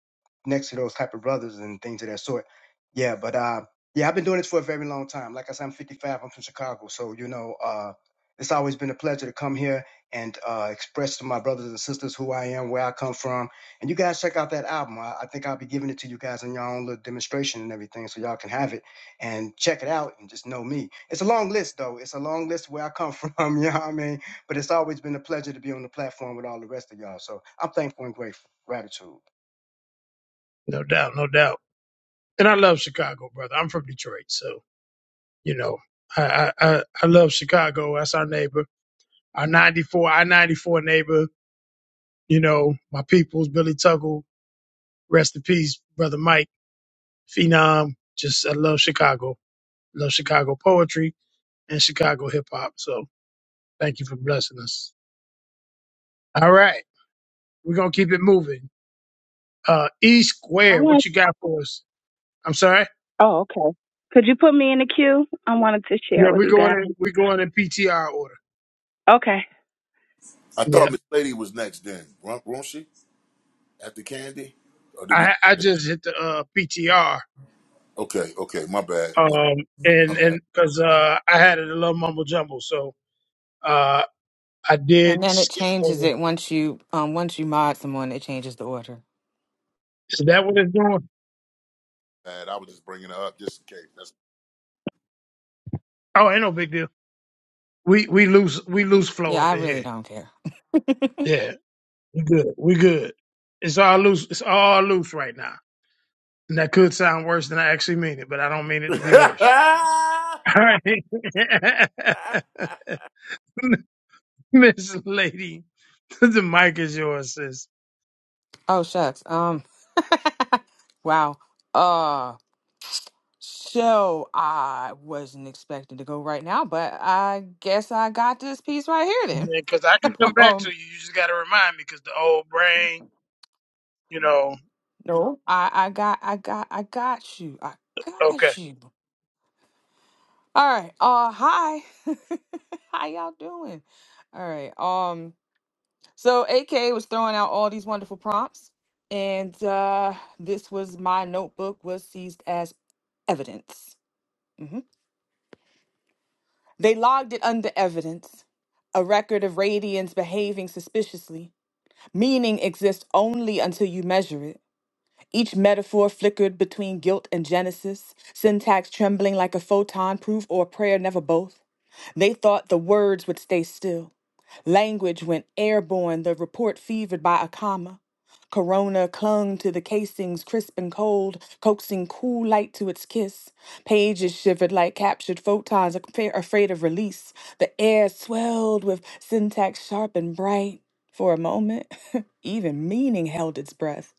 next to those type of brothers and things of that sort. Yeah, but uh, yeah, I've been doing this for a very long time. Like I said, I'm 55. I'm from Chicago, so you know uh, it's always been a pleasure to come here and uh, express to my brothers and sisters who I am, where I come from and you guys check out that album. I, I think I'll be giving it to you guys in your own little demonstration and everything, so y'all can have it and check it out and just know me. It's a long list though. It's a long list where I come [LAUGHS] from, you know what I mean? But it's always been a pleasure to be on the platform with all the rest of y'all. So I'm thankful and grateful. Gratitude.
No doubt, no doubt. And I love Chicago, brother. I'm from Detroit, so you know, I I I I love Chicago. That's our neighbor, our 94, our 94 neighbor. You know, my people's Billy Tuggle. Rest in peace, brother Mike Phenom. Just I love Chicago. Love Chicago poetry and Chicago hip hop. So thank you for blessing us. All right, we're gonna keep it moving. Uh, E
I
Square, what
want.
you got for us? I'm sorry.
Oh, okay. Could you put me in the queue? I wanted to share
Yeah,
with
we're
you
going
guys.
in we're going in PTR order.
Okay.
I
Yeah.
thought Miss Lady was next then, won't won't she? After Candy? Or did we
I I just hit the uh PTR.
Okay, okay, my bad, my,
Um
my
and
bad.
and because uh I had it a little mumble jumble, so uh I
And
did
then it
skip
changes
over.
it once you um once you mod someone, it changes the order.
Is that what it's doing?
Bad, I was just bringing her up just in case. That's
Oh, ain't no big deal. We we lose we lose flow
Yeah,
up
I
in
really
here.
don't care. [LAUGHS]
Yeah, we good. We good. It's all loose. It's all loose right now. And that could sound worse than I actually mean it, but I don't mean it to be
[LAUGHS]
worse. [LAUGHS] All right. [LAUGHS] [LAUGHS] Miss Lady, [LAUGHS] the mic is yours, sis.
oh shucks. Um, wow. Uh, So I wasn't expecting to go right now, but I guess I got this piece right here
Because I
then.
can come
[LAUGHS]
back to
um,
you. You just got to remind me because the old brain, you know.
no, I, I got, I got, I got you. I
Okay.
got you. All right. Uh, hi. [LAUGHS] How y'all doing? All right. Um, so AK was throwing out all these wonderful prompts, and uh, this was my notebook was seized as evidence. Mhm. They logged it under evidence, a record of Radians behaving suspiciously Meaning exists only until you measure it. Each metaphor flickered between guilt and Genesis, syntax trembling like a photon proof or a prayer, never both. They thought the words would stay still. Language went airborne, the report fevered by a comma. Corona clung to the casings, crisp and cold, coaxing cool light to its kiss. Pages shivered like captured photons, afra- afraid of release. The air swelled with syntax sharp and bright. For a moment, [LAUGHS] even meaning held its breath.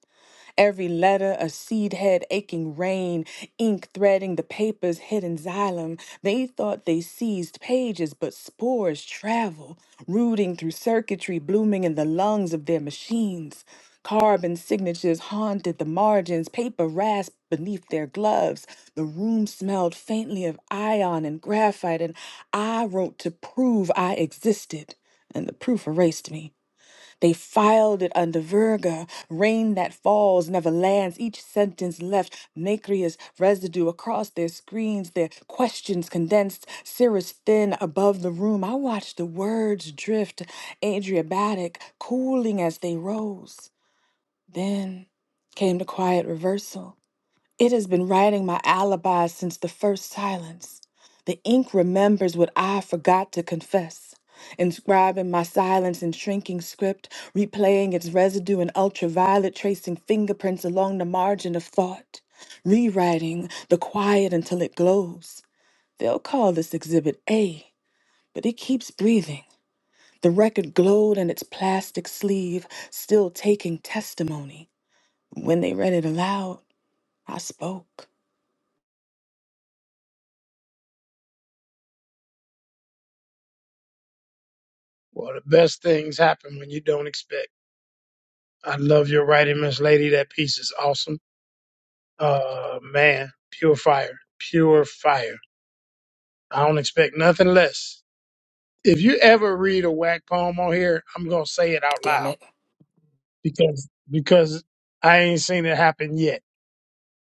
Every letter, a seed head, aching rain, ink threading the paper's hidden xylem. They thought they seized pages, but spores travel, rooting through circuitry blooming in the lungs of their machines. Carbon signatures haunted the margins, paper rasped beneath their gloves. The room smelled faintly of ion and graphite, and I wrote to prove I existed, and the proof erased me. They filed it under Virga, rain that falls never lands. Each sentence left nacreous residue across their screens, their questions condensed, cirrus thin above the room. I watched the words drift, Adriabatic, cooling as they rose. Then came the quiet reversal. It has been writing my alibi since the first silence. The ink remembers what I forgot to confess. Inscribing my silence in shrinking script, replaying its residue in ultraviolet, tracing fingerprints along the margin of thought, rewriting the quiet until it glows. They'll call this exhibit A, but it keeps breathing. The record glowed in its plastic sleeve, still taking testimony. When they read it aloud, I spoke.
Well, the best things happen when you don't expect. I love your writing, Miss Lady. That piece is awesome. Uh, man, pure fire, pure fire. I don't expect nothing less. If you ever read a whack poem on here, I'm gonna say it out
Damn
loud
it.
because because I ain't seen it happen yet.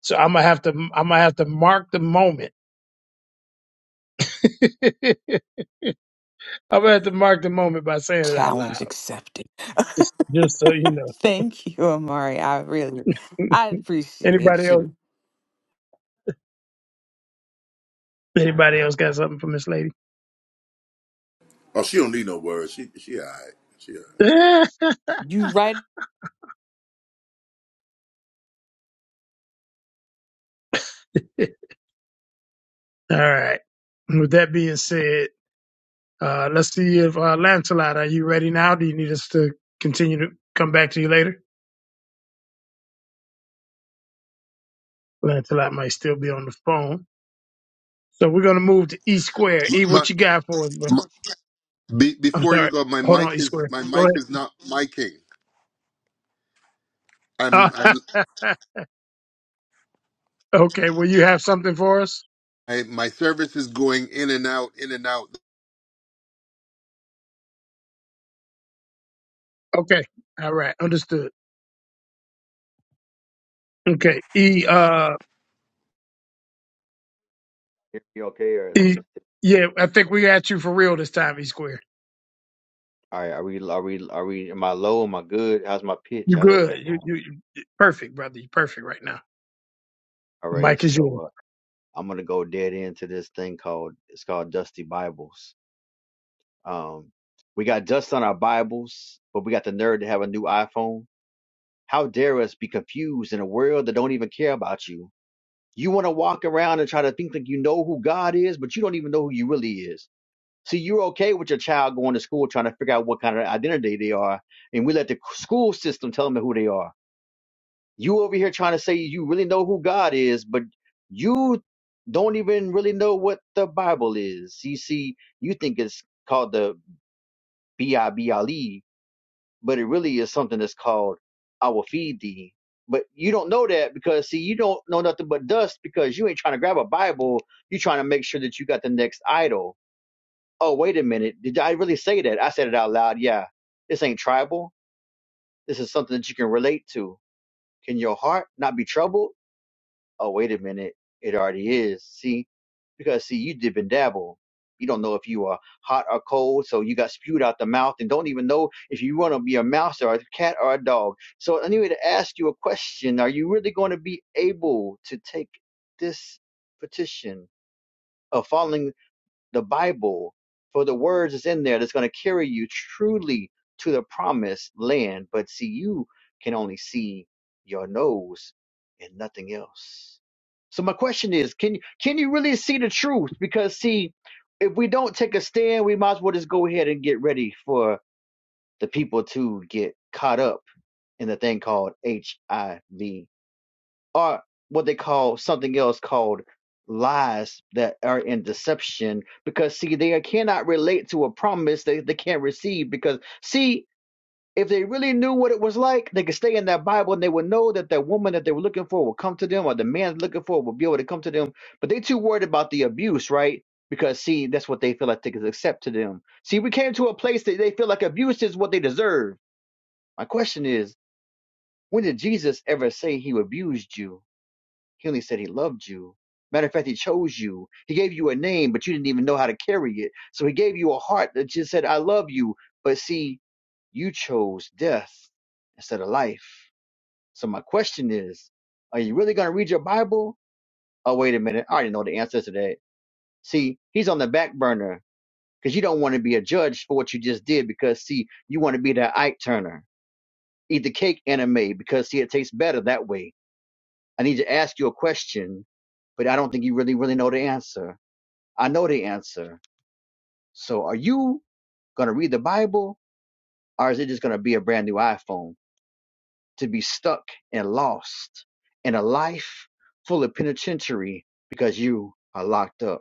So I'm gonna have to I'm gonna have to mark the moment [LAUGHS] I'm gonna have to mark the moment by saying it out
Challenge
loud,
accepted.
just, just so you
[LAUGHS]
know.
Thank you, Amari. I really,
[LAUGHS]
I
anybody
appreciate
else?
you.
Anybody else got something for Miss Lady?
oh, she don't need no words. She she all right. She all
[LAUGHS]
right.
All
You right
right. With that being said, uh, let's see if uh, Lancelot, are you ready now? Do you need us to continue to come back to you later? Lancelot might still be on the phone, so we're gonna move to E Square. E,
My,
what you got for us, bro?
my, be,
I'm
before you
sorry.
go, my
Hold
mic
on, E
is
Square.
my
Go
mic is not micing.
ahead.
I'm, I'm
[LAUGHS] okay. Will you have something for us?
I, my service is going in and out, in and out.
Okay. All right. Understood. Okay. E uh
Hear me okay, or is
E
this difficult?
yeah, I think we got you for real this time, E Square.
All right, are we, are we, are we, am I low? Am I good? How's my pitch?
You
How's
good.
everything
You
going?
you, you perfect, brother. You perfect right now.
All
The
right,
mic is yours.
so uh, I'm gonna go dead into this thing called, it's called Dusty Bibles. Um, we got dust on our Bibles, but we got the nerve to have a new iPhone. How dare us be confused in a world that don't even care about you? You want to walk around and try to think like you know who God is, but you don't even know who you really is. See, you're okay with your child going to school trying to figure out what kind of identity they are, and we let the school system tell them who they are. You over here trying to say you really know who God is, but you don't even really know what the Bible is. You see, you think it's called the B I B L E, but it really is something that's called I will feed thee. But you don't know that because see, you don't know nothing but dust because you ain't trying to grab a Bible. You're trying to make sure that you got the next idol. Oh, wait a minute. Did I really say that? I said it out loud. Yeah. This ain't tribal. This is something that you can relate to. Can your heart not be troubled? Oh, wait a minute. It already is. See, because see you dip and dabble you don't know if you are hot or cold so you got spewed out the mouth and don't even know if you want to be a mouse or a cat or a dog so anyway to ask you a question are you really going to be able to take this petition of following the Bible for the words is in there that's going to carry you truly to the promised land. But see, you can only see your nose and nothing else. So my question is, can you can you really see the truth? Because see, if we don't take a stand, we might as well just go ahead and get ready for the people to get caught up in the thing called HIV are what they call something else called lies that are in deception because see they cannot relate to a promise that they can't receive because see if they really knew what it was like they could stay in that bible and they would know that that woman that they were looking for would come to them or the man looking for would be able to come to them but they too worried about the abuse right because see that's what they feel like they could accept to them see we came to a place that they feel like abuse is what they deserve my question is when did jesus ever say he abused you he only said he loved you. Matter of fact, he chose you. He gave you a name, but you didn't even know how to carry it. So he gave you a heart that just said, I love you. But see, you chose death instead of life. So my question is, are you really going to read your Bible? Oh, wait a minute. I already know the answer to that. See, he's on the back burner because you don't want to be a judge for what you just did because, see, you want to be that Ike Turner. Eat the cake anime because, see, it tastes better that way. I need to ask you a question, but I don't think you really, really know the answer. I know the answer. So are you going to read the Bible or is it just going to be a brand new iPhone to be stuck and lost in a life full of penitentiary because you are locked up?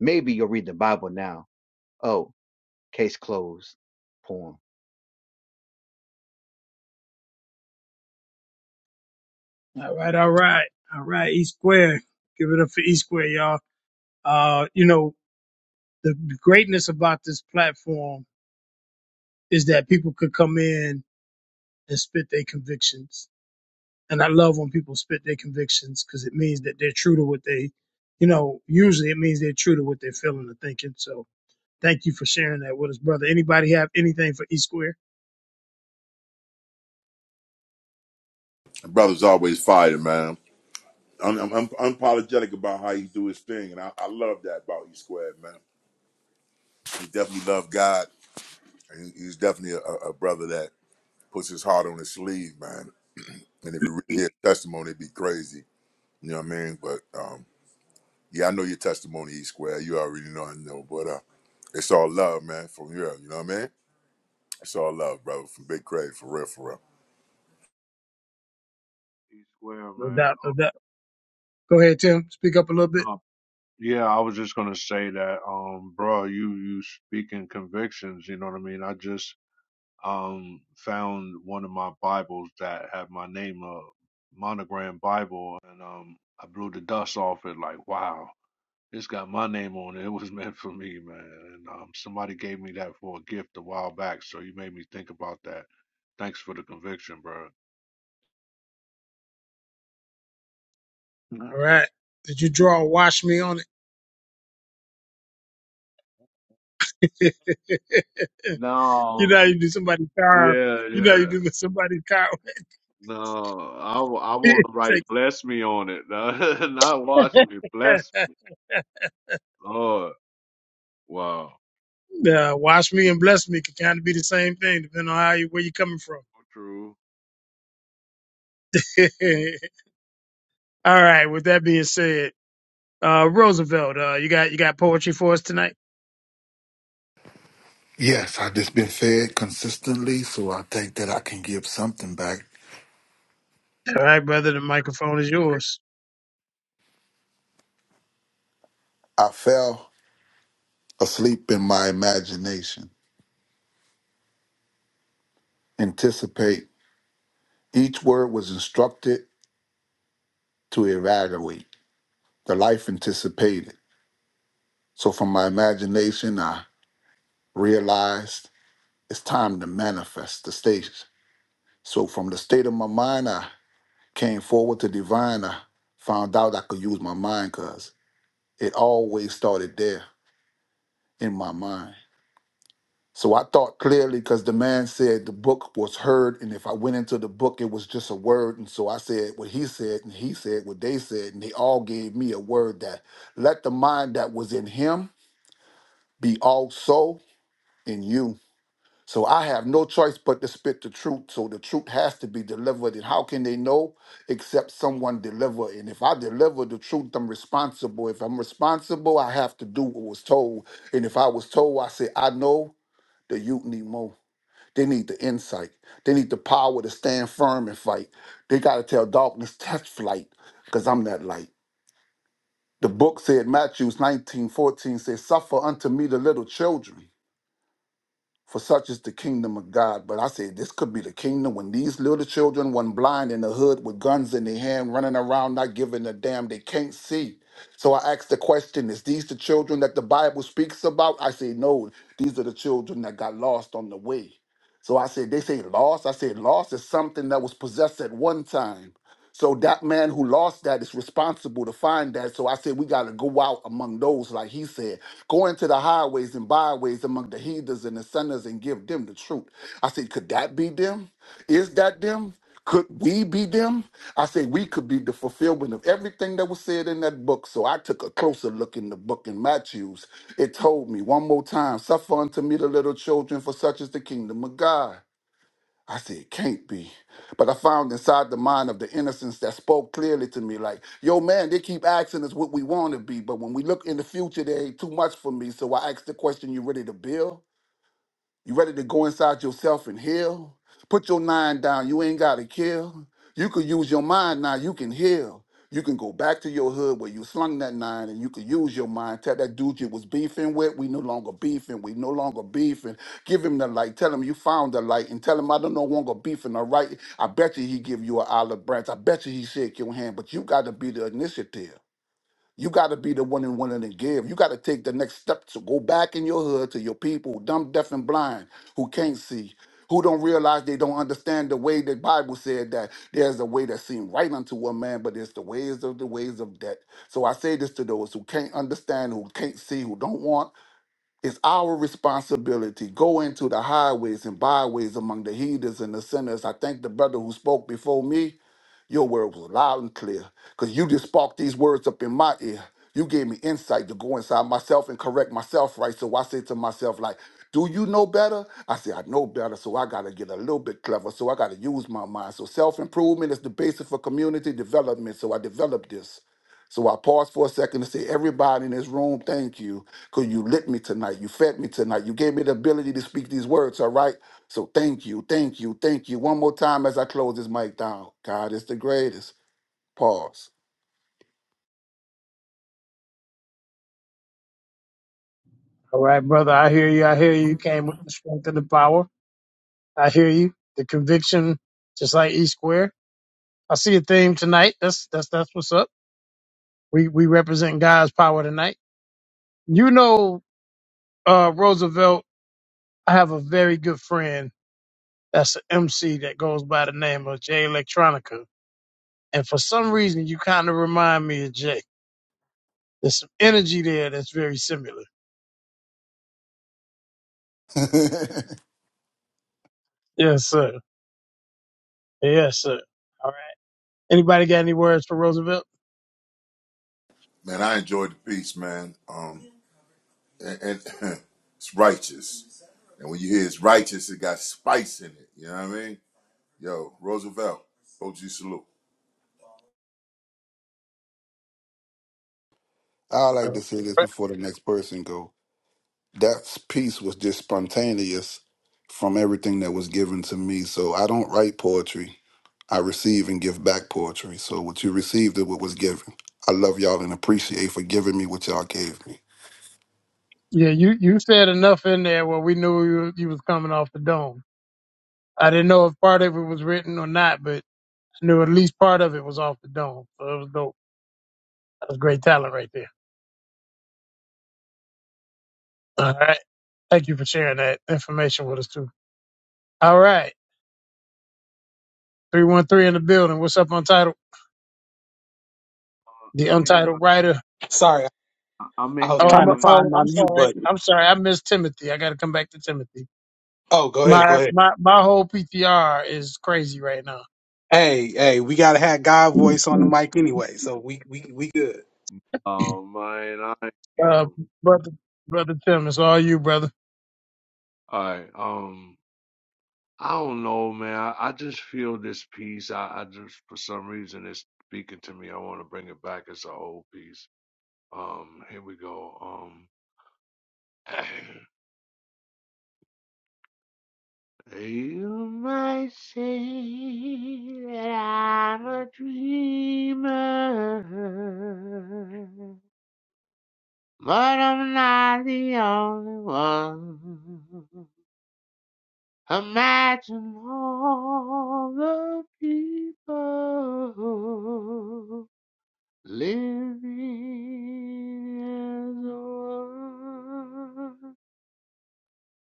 Maybe you'll read the Bible now. Oh, case closed. Poem.
All right, all right, all right. E Square, give it up for E Square, y'all. Uh, you know the greatness about this platform is that people could come in and spit their convictions, and I love when people spit their convictions because it means that they're true to what they, you know, usually it means they're true to what they're feeling and thinking. So Thank you for sharing that with us, brother. Anybody have anything for E Square?
Brother's always fighting, man. I'm, I'm, I'm unapologetic about how he do his thing, and I, I love that about you, Square, man. He definitely loved God, and he- he's definitely a, a brother that puts his heart on his sleeve, man. And if you really hear his testimony, it'd be crazy. You know what I mean? But um, yeah, I know your testimony, E Square. You already know I know, but uh, It's all love, man, from you. You know what I mean? It's all love, brother, from Big Craig, for real, for real.
it. E square,
No
man.
doubt, no
Um,
doubt. Go ahead, Tim. Speak up a little bit.
no, yeah, I was just gonna say that, um, bro, you you speaking convictions. You know what I mean? I just um, found one of my Bibles that had my name, a monogram Bible, and um, I blew the dust off it. Like, wow, this got my name on it. [LAUGHS] It was meant for me, man. And um, somebody gave me that for a gift a while back, so you made me think about that. Thanks for the conviction, bro.
All right. Did you draw a wash me on it? [LAUGHS] you know how
No,
you do somebody's car.
yeah,
You know how
yeah.
you do with somebody's car. [LAUGHS]
No, I, w- I want to write
Take
bless me on it. [LAUGHS] Not watch me. Bless.
[LAUGHS] uh,
Oh, wow.
wash me and bless me could kind of be the same thing, depending on how you where you're coming from.
True.
[LAUGHS] All right. With that being said, uh, Roosevelt, uh, you got you got poetry for us tonight.
Yes, i just been fed consistently, so I think that I can give something back.
All right, brother. The microphone is yours.
I fell asleep in my imagination. Anticipate. Each word was instructed to evaluate the life anticipated. So from my imagination, I realized it's time to manifest the stage. So from the state of my mind, I. came forward to divine, I found out I could use my mind because it always started there in my mind. So I thought clearly because the man said the book was heard, and if I went into the book, it was just a word. And so I said what he said, and he said what they said, and they all gave me a word that let the mind that was in him be also in you. So I have no choice but to spit the truth. So the truth has to be delivered. And how can they know except someone deliver? And if I deliver the truth, I'm responsible. If I'm responsible, I have to do what was told. And if I was told, I say, I know the youth need more. They need the insight. They need the power to stand firm and fight. They got to tell darkness, test flight, because I'm that light. The book said, Matthew 1914 says, Suffer unto me the little children. For such is the kingdom of God. But I say this could be the kingdom when these little children, when blind in the hood with guns in their hand, running around not giving a damn, they can't see. So I asked the question, is these the children that the Bible speaks about? I say, no, these are the children that got lost on the way. So I said, they say lost. I said, lost is something that was possessed at one time. So that man who lost that is responsible to find that. So I said we gotta go out among those, like he said, go into the highways and byways among the heathens and the sinners and give them the truth. I said, could that be them? Is that them? Could we be them? I said we could be the fulfillment of everything that was said in that book. So I took a closer look in the book in Matthews. It told me one more time, suffer unto me the little children, for such is the kingdom of God. I said, it can't be. But I found inside the mind of the innocence that spoke clearly to me, like, yo, man, they keep asking us what we want to be. But when we look in the future, there ain't too much for me. So I asked the question, you ready to build? You ready to go inside yourself and heal? Put your nine down. You ain't gotta kill. You could use your mind now. You can heal. You can go back to your hood where you slung that nine and you could use your mind. Tell that dude you was beefing with, we no longer beefing. We no longer beefing. Give him the light. Tell him you found the light and tell him I don't no longer beefing, all right? I bet you he give you an olive branch. I bet you he shake your hand, but you got to be the initiative. You got to be the one and willing to give. You got to take the next step to go back in your hood to your people, dumb, deaf, and blind, who can't see, who don't realize they don't understand the way the Bible said that there's a way that seems right unto a man, but it's the ways of the ways of death. So I say this to those who can't understand, who can't see, who don't want. It's our responsibility. Go into the highways and byways among the heathens and the sinners. I thank the brother who spoke before me. Your word was loud and clear because you just sparked these words up in my ear. You gave me insight to go inside myself and correct myself, right? So I say to myself, like, do you know better? I say, I know better, so I gotta get a little bit clever. So I gotta use my mind. So self-improvement is the basis for community development. So I developed this. So I paused for a second to say, everybody in this room, thank you, because you lit me tonight. You fed me tonight. You gave me the ability to speak these words, all right? So thank you, thank you, thank you. One more time as I close this mic down. God is the greatest. Pause.
All right, brother. I hear you. I hear you. You came with the strength and the power. I hear you. The conviction, just like E Square. I see a theme tonight. That's that's that's what's up. We we represent God's power tonight. You know, uh, Roosevelt. I have a very good friend that's an MC that goes by the name of Jay Electronica, and for some reason, you kind of remind me of Jay. There's some energy there that's very similar.
[LAUGHS] I
Yes, sir. Yes, sir. All right. Anybody got any words for Roosevelt?
Man, I enjoyed the piece, man. Um, and, and [LAUGHS] it's righteous. And when you hear it's righteous, it got spice in it. You know what I mean? Yo, Roosevelt, OG salute.
like to say
No.
this before the next person go. That piece was just spontaneous from everything that was given to me. So I don't write poetry. I receive and give back poetry. So what you received is what was given. I love y'all and appreciate for giving me what y'all gave me.
Yeah, you you said enough in there where we knew you, you was coming off the dome. I didn't know if part of it was written or not, but I knew at least part of it was off the dome. So it was dope. That was great talent right there. All right. Thank you for sharing that information with us too. All right. 313 in the building. What's up, Untitled?
Uh,
The
I hate
Untitled Writer.
Sorry,
I- I'm
I
in
was
here,
Oh, I'm,
trying to
man.
find
oh,
my
I'm
mute
sorry.
button.
I'm sorry. I missed Timothy. I got to come back to Timothy.
Oh, go ahead, go
My,
ahead.
my, my whole PTR is crazy right now.
Hey, hey, we gotta have God voice on the mic anyway, so we we we good.
Oh man, I
Uh,
am.
brother, brother Tim, it's all you, brother.
Alright, um, I don't know, man. I, I just feel this piece. I, I just for some reason it's speaking to me. I want to bring it back as an old piece. Um, here we go. Um, [COUGHS] [CLEARS THROAT] you might say that I'm a dreamer, but I'm not the only one. Imagine all the people living as one.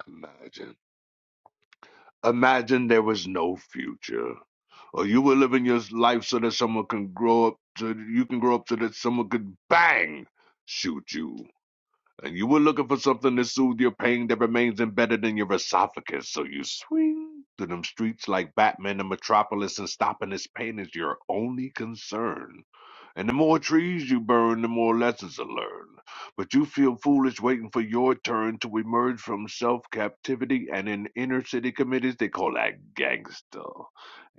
Imagine. Imagine there was no future. Or you were living your life so that someone can grow up to you can grow up so that someone could bang shoot you. and you were looking for something to soothe your pain that remains embedded in your esophagus, so you swing through them streets like Batman in Metropolis, and stopping this pain is your only concern. And the more trees you burn, the more lessons you learn. But you feel foolish waiting for your turn to emerge from self captivity, and in inner city committees, they call that gangster.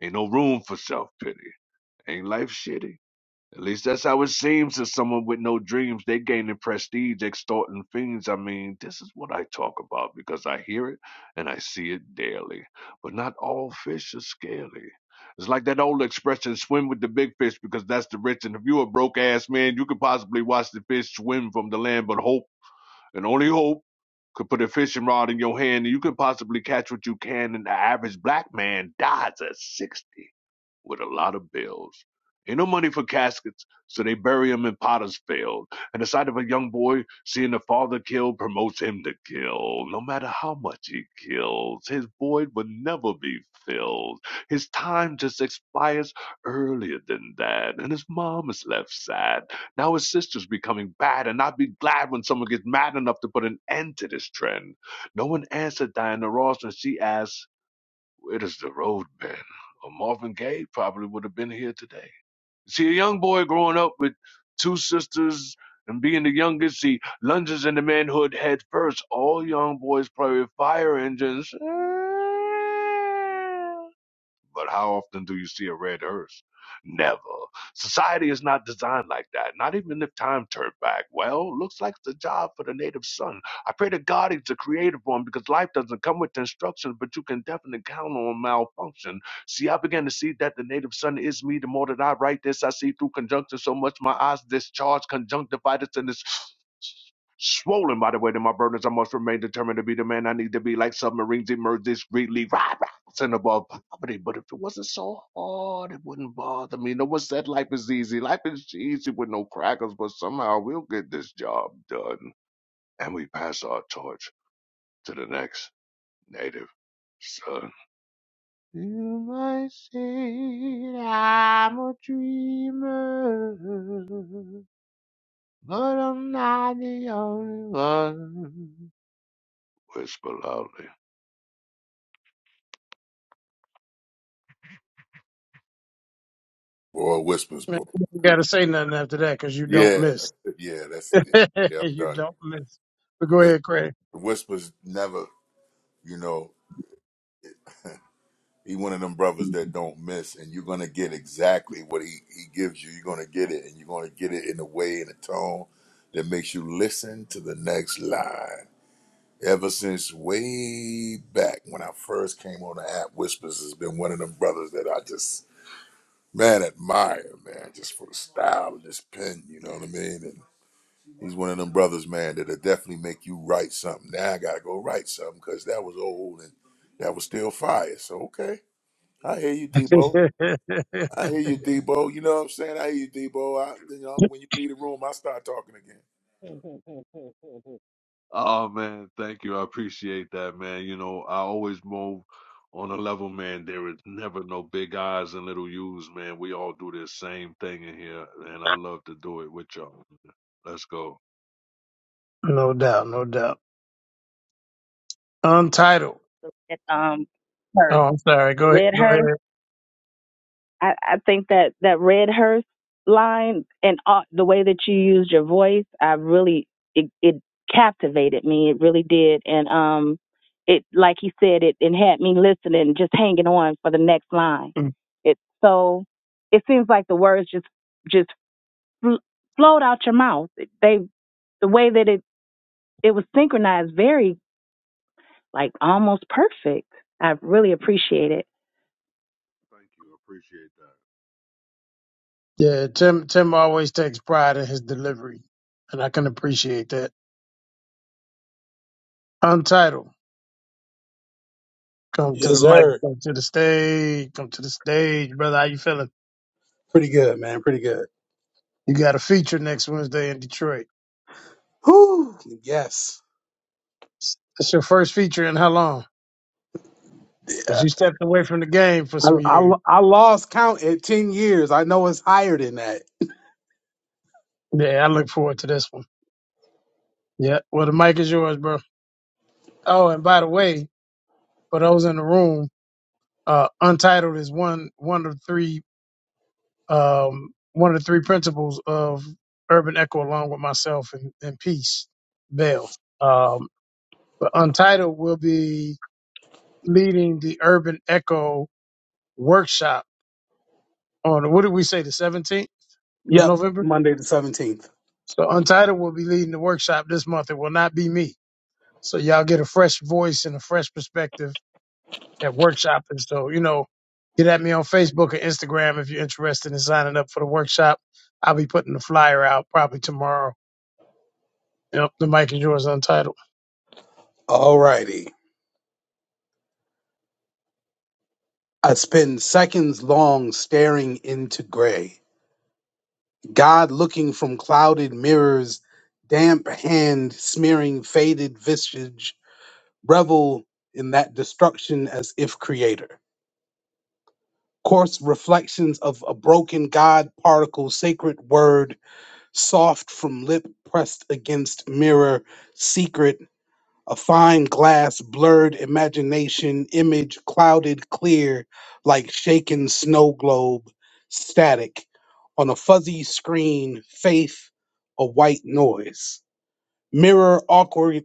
Ain't no room for self pity. Ain't life shitty? At least that's how it seems to someone with no dreams. They gaining prestige, extorting fiends. I mean, this is what I talk about because I hear it and I see it daily. But not all fish are scaly. It's like that old expression, swim with the big fish because that's the rich. And if you're a broke ass man, you could possibly watch the fish swim from the land, but hope and only hope could put a fishing rod in your hand and you could possibly catch what you can and the average black man dies at 60 with a lot of bills ain't no money for caskets so they bury him in potter's field and the sight of a young boy seeing the father killed promotes him to kill no matter how much he kills his void will never be filled his time just expires earlier than that and his mom is left sad now his sister's becoming bad, and I'd be glad when someone gets mad enough to put an end to this trend. No one answered Diana Ross and she asked, Where does the road been? Or Marvin Gaye probably would have been here today. See, a young boy growing up with two sisters and being the youngest, he lunges into manhood head first. All young boys play with fire engines. But how often do you see a red hearse? Never. Society is not designed like that. Not even if time turned back. Well, looks like it's a job for the native son. I pray to God he's a creative one because life doesn't come with instructions, but you can definitely count on malfunction. See, I began to see that the native son is me. The more that I write this, I see through conjunction so much my eyes discharge conjunctivitis and this swollen by the weight of my burdens. I must remain determined to be the man I need to be, like submarines emerge discreetly and about poverty, but if it wasn't so hard, it wouldn't bother me. No one said life is easy. Life is easy with no crackers, but somehow we'll get this job done. And we pass our torch to the next native son. You might say that I'm a dreamer, but I'm not the only one. Whisper loudly.
Boy, Whispers,
You
boy.
gotta say nothing after that because you don't
Yeah,
miss.
[LAUGHS] yeah, that's it.
[LAUGHS]
Yeah, I'm
you
done.
don't miss. But go
Whis-
ahead, Craig.
Whispers never, you know. He one of them brothers that don't miss, and you're gonna get exactly what he, he gives you. You're gonna get it, and you're gonna get it in a way in a tone that makes you listen to the next line. Ever since way back when I first came on the app, Whispers has been one of them brothers that I just man admire, man, just for the style of this pen. You know what I mean? And he's one of them brothers, man, that'll definitely make you write something. Now I gotta go write something because that was old and that was still fire. So okay, I hear you, Debo.
[LAUGHS]
I hear you, Debo. You know what I'm saying? I hear you, Debo. I, you know, when you leave the room, I start talking again.
[LAUGHS] Oh man, thank you. I appreciate that, man. You know, I always move on a level, man. There is never no big eyes and little U's, man. We all do this same thing in here, and I love to do it with y'all. Let's go.
no doubt, no doubt. Untitled.
The red, um,
Oh,
hearse,
I'm sorry.
the
Go ahead.
red
Go
hearse.
ahead.
I, I think that that red hearse line and uh, the way that you used your voice, I really it, it captivated me. It really did, and um, it like he said, it it had me listening, just hanging on for the next line. It's so. It seems like the words just just fl- flowed out your mouth. They the way that it it was synchronized very like almost perfect. I really appreciate it.
Thank you. I appreciate
Yeah, Tim. Tim always takes pride in his delivery, and I can appreciate that. Untitled. Come to the
Yes,
mic.
sir.
Come to the stage. Come to the stage, brother. How you feeling?
Pretty good, man. Pretty good.
You got a feature next Wednesday in Detroit.
Whew. Yes.
It's your first feature in how long? Because
Yeah.
you stepped away from the game for
I,
some
I
years.
I lost count at ten years. I know it's higher than that.
Yeah, I look forward to this one. Yeah. Well, the mic is yours, bro. Oh, and by the way, for those in the room, uh, Untitled is one one of three um one of the three principles of Urban Echo, along with myself and, and Peace Bell. Um, but Untitled will be leading the Urban Echo workshop on what did we say the seventeenth of
Yep.
November.
Monday the seventeenth.
So Untitled will be leading the workshop this month. It will not be me. So y'all get a fresh voice and a fresh perspective at workshop and So, you know, get at me on Facebook or Instagram if you're interested in signing up for the workshop. I'll be putting the flyer out probably tomorrow. Yep, the mic is yours untitled.
Alrighty. I spend seconds long staring into gray. God looking from clouded mirrors, damp hand smearing faded visage revel in that destruction as if creator. Coarse reflections of a broken God particle, sacred word, soft from lip pressed against mirror, secret, a fine glass, blurred imagination, image clouded clear like shaken snow globe, static on a fuzzy screen, faith, a white noise. Mirror awkward.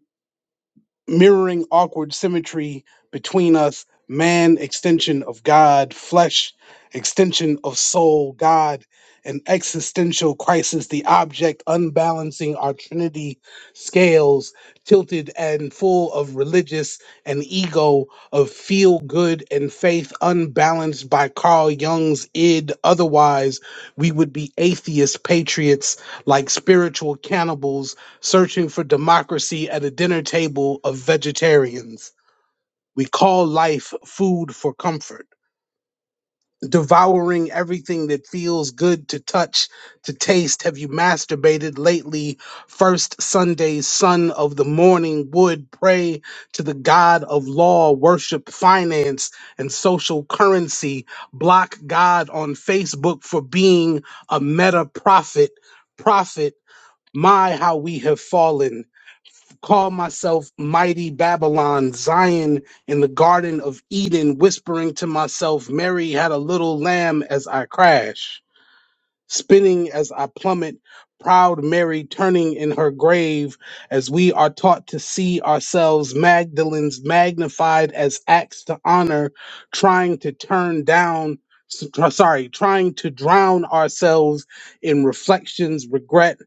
mirroring awkward symmetry between us man extension of god flesh extension of soul god an existential crisis the object unbalancing our trinity scales tilted and full of religious and ego of feel good and faith unbalanced by carl jung's id otherwise we would be atheist patriots like spiritual cannibals searching for democracy at a dinner table of vegetarians. We call life food for comfort, devouring everything that feels good to touch, to taste. Have you masturbated lately? First Sunday's sun of the morning would pray to the God of law, worship, finance, and social currency. Block God on Facebook for being a meta prophet. Prophet, my, how we have fallen call myself mighty Babylon, Zion in the Garden of Eden, whispering to myself, Mary had a little lamb as I crash, spinning as I plummet, proud Mary turning in her grave, as we are taught to see ourselves, Magdalens magnified as acts to honor, trying to turn down. s- Sorry, trying to drown ourselves in reflections, regret,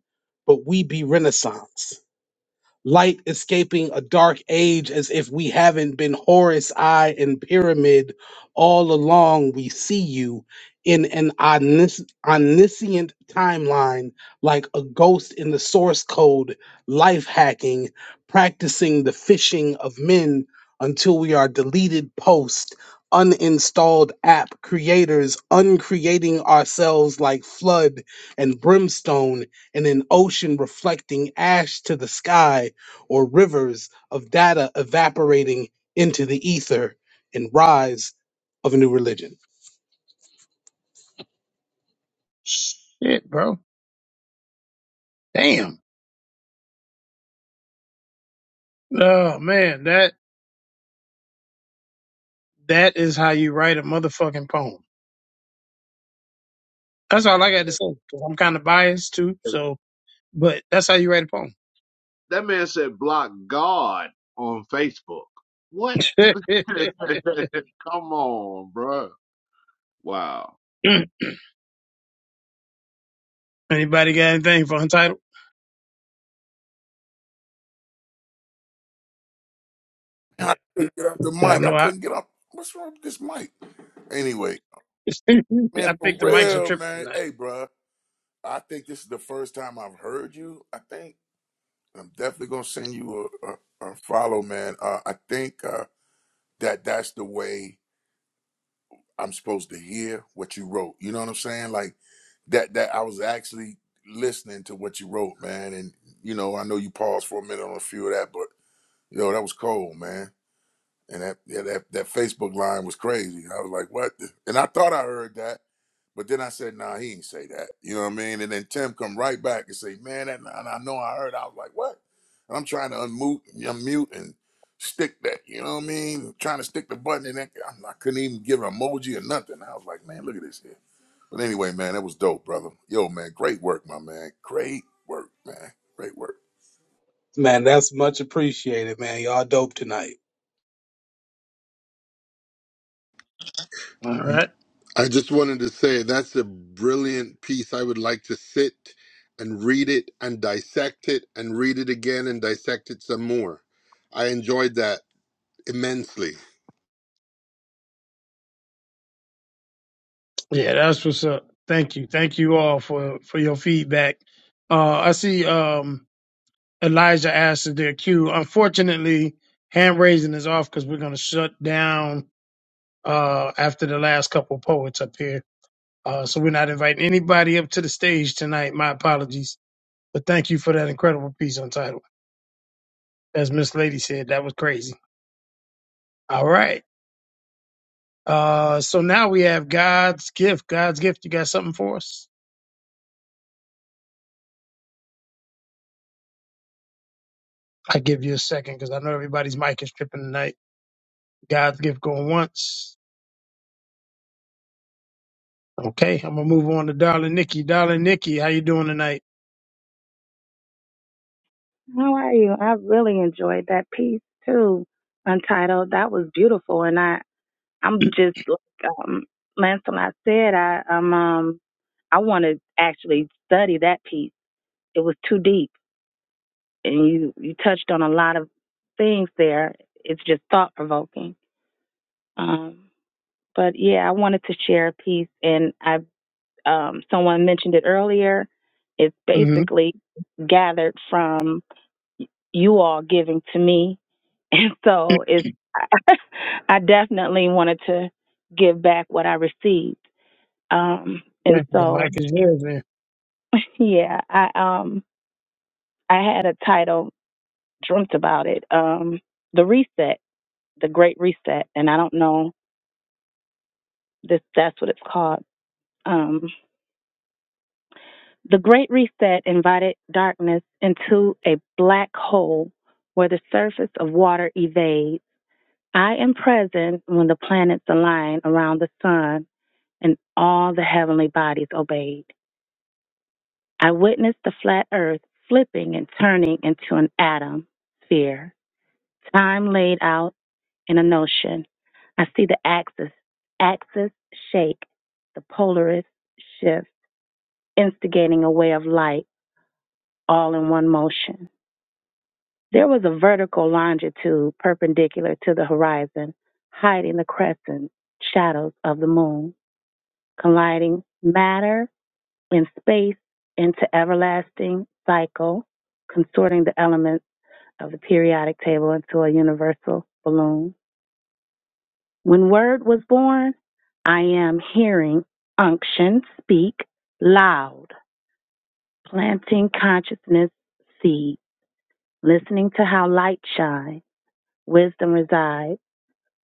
but we be Renaissance light escaping a dark age as if we haven't been Horus Eye and Pyramid all along. We see you in an omnis- omniscient timeline, like a ghost in the source code, life hacking, practicing the phishing of men until we are deleted post. Uninstalled app creators uncreating ourselves like flood and brimstone in an ocean reflecting ash to the sky or rivers of data evaporating into the ether and rise of a new religion.
Shit, bro. Damn. Oh man, that that is how you write a motherfucking poem. That's
that.
all
Man
I got to say.
said
'cause I'm kind of biased too, so but that's how you write a poem.
that man said block God on Facebook. What? [LAUGHS]
[LAUGHS]
Come on, bruh. Wow.
Anybody got anything for untitled?
I couldn't get off the
I
mic. I
know I
couldn't get off. What's wrong with this mic? Anyway,
[LAUGHS]
man,
I
for
think the mics are
real,
tripping
man.
tonight.
Hey, bruh, I think this is the first time I've heard you. I think I'm definitely gonna send you a, a, a follow, man. Uh, I think uh, that that's the way I'm supposed to hear what you wrote. You know what I'm saying? Like that. That I was actually listening to what you wrote, man. And you know, I know you paused for a minute on a few of that, but. Yo, that was cold, man. And that yeah, that that Facebook line was crazy. I was like, what? the-" And I thought I heard that, but then I said, nah, he ain't say that. You know what I mean? And then Tim come right back and say, man, that, and I know I heard. I was like, what? And I'm trying to unmute, unmute and stick that. You know what I mean? Trying to stick the button in that. I'm- I couldn't even give an emoji or nothing. I was like, man, look at this here. But anyway, man, that was dope, brother. Yo, man, great work, my man. Great work, man. Great work.
Man, that's much appreciated, man. Y'all dope tonight.
All right.
I just wanted to say that's a brilliant piece. I would like to sit and read it and dissect it and read it again and dissect it some more. I enjoyed that immensely.
Yeah, that's what's up. Thank you. Thank you all for for your feedback. Uh I see um Elijah asked if their cue. Unfortunately, hand raising is off because we're gonna shut down uh after the last couple of poets up here. Uh so we're not inviting anybody up to the stage tonight. My apologies. But thank you for that incredible piece on title. As Miss Lady said, that was crazy. All right. Uh so now we have God's gift. God's gift, you got something for us? I give you a second because I know everybody's mic is tripping tonight. God's gift going once. Okay, I'm gonna move on to Darling Nikki. Darling Nikki, how you doing tonight?
How are you? I really enjoyed that piece too, Untitled. That was beautiful, and I
[CLEARS THROAT]
I'm just like um, Lancelot said. I um um I want to actually study that piece. It was too deep. and you you touched on a lot of things there. It's just thought provoking. Um, but yeah, I wanted to share a piece, and I um, someone mentioned it earlier. It's
hmm
basically gathered from you all giving to me, [LAUGHS] and so it's [LAUGHS] I definitely wanted to give back what I received. Um, and
The mic
so
is yours, man.
[LAUGHS] yeah, I um I had a title dreamt about it. Um, the reset the Great Reset, and I don't know if that's what it's called. Um, the Great Reset invited darkness into a black hole where the surface of water evades. I am present when the planets align around the sun and all the heavenly bodies obeyed. I witnessed the flat earth flipping and turning into an atom sphere, time laid out in a notion. I see the axis, axis shake, the polaris shift, instigating a wave of light all in one motion. There was a vertical longitude perpendicular to the horizon, hiding the crescent shadows of the moon, colliding matter and space into everlasting cycle, consorting the elements of the periodic table into a universal balloon. When Word was born, I am hearing unction speak loud, planting consciousness seed, listening to how light shines, wisdom resides,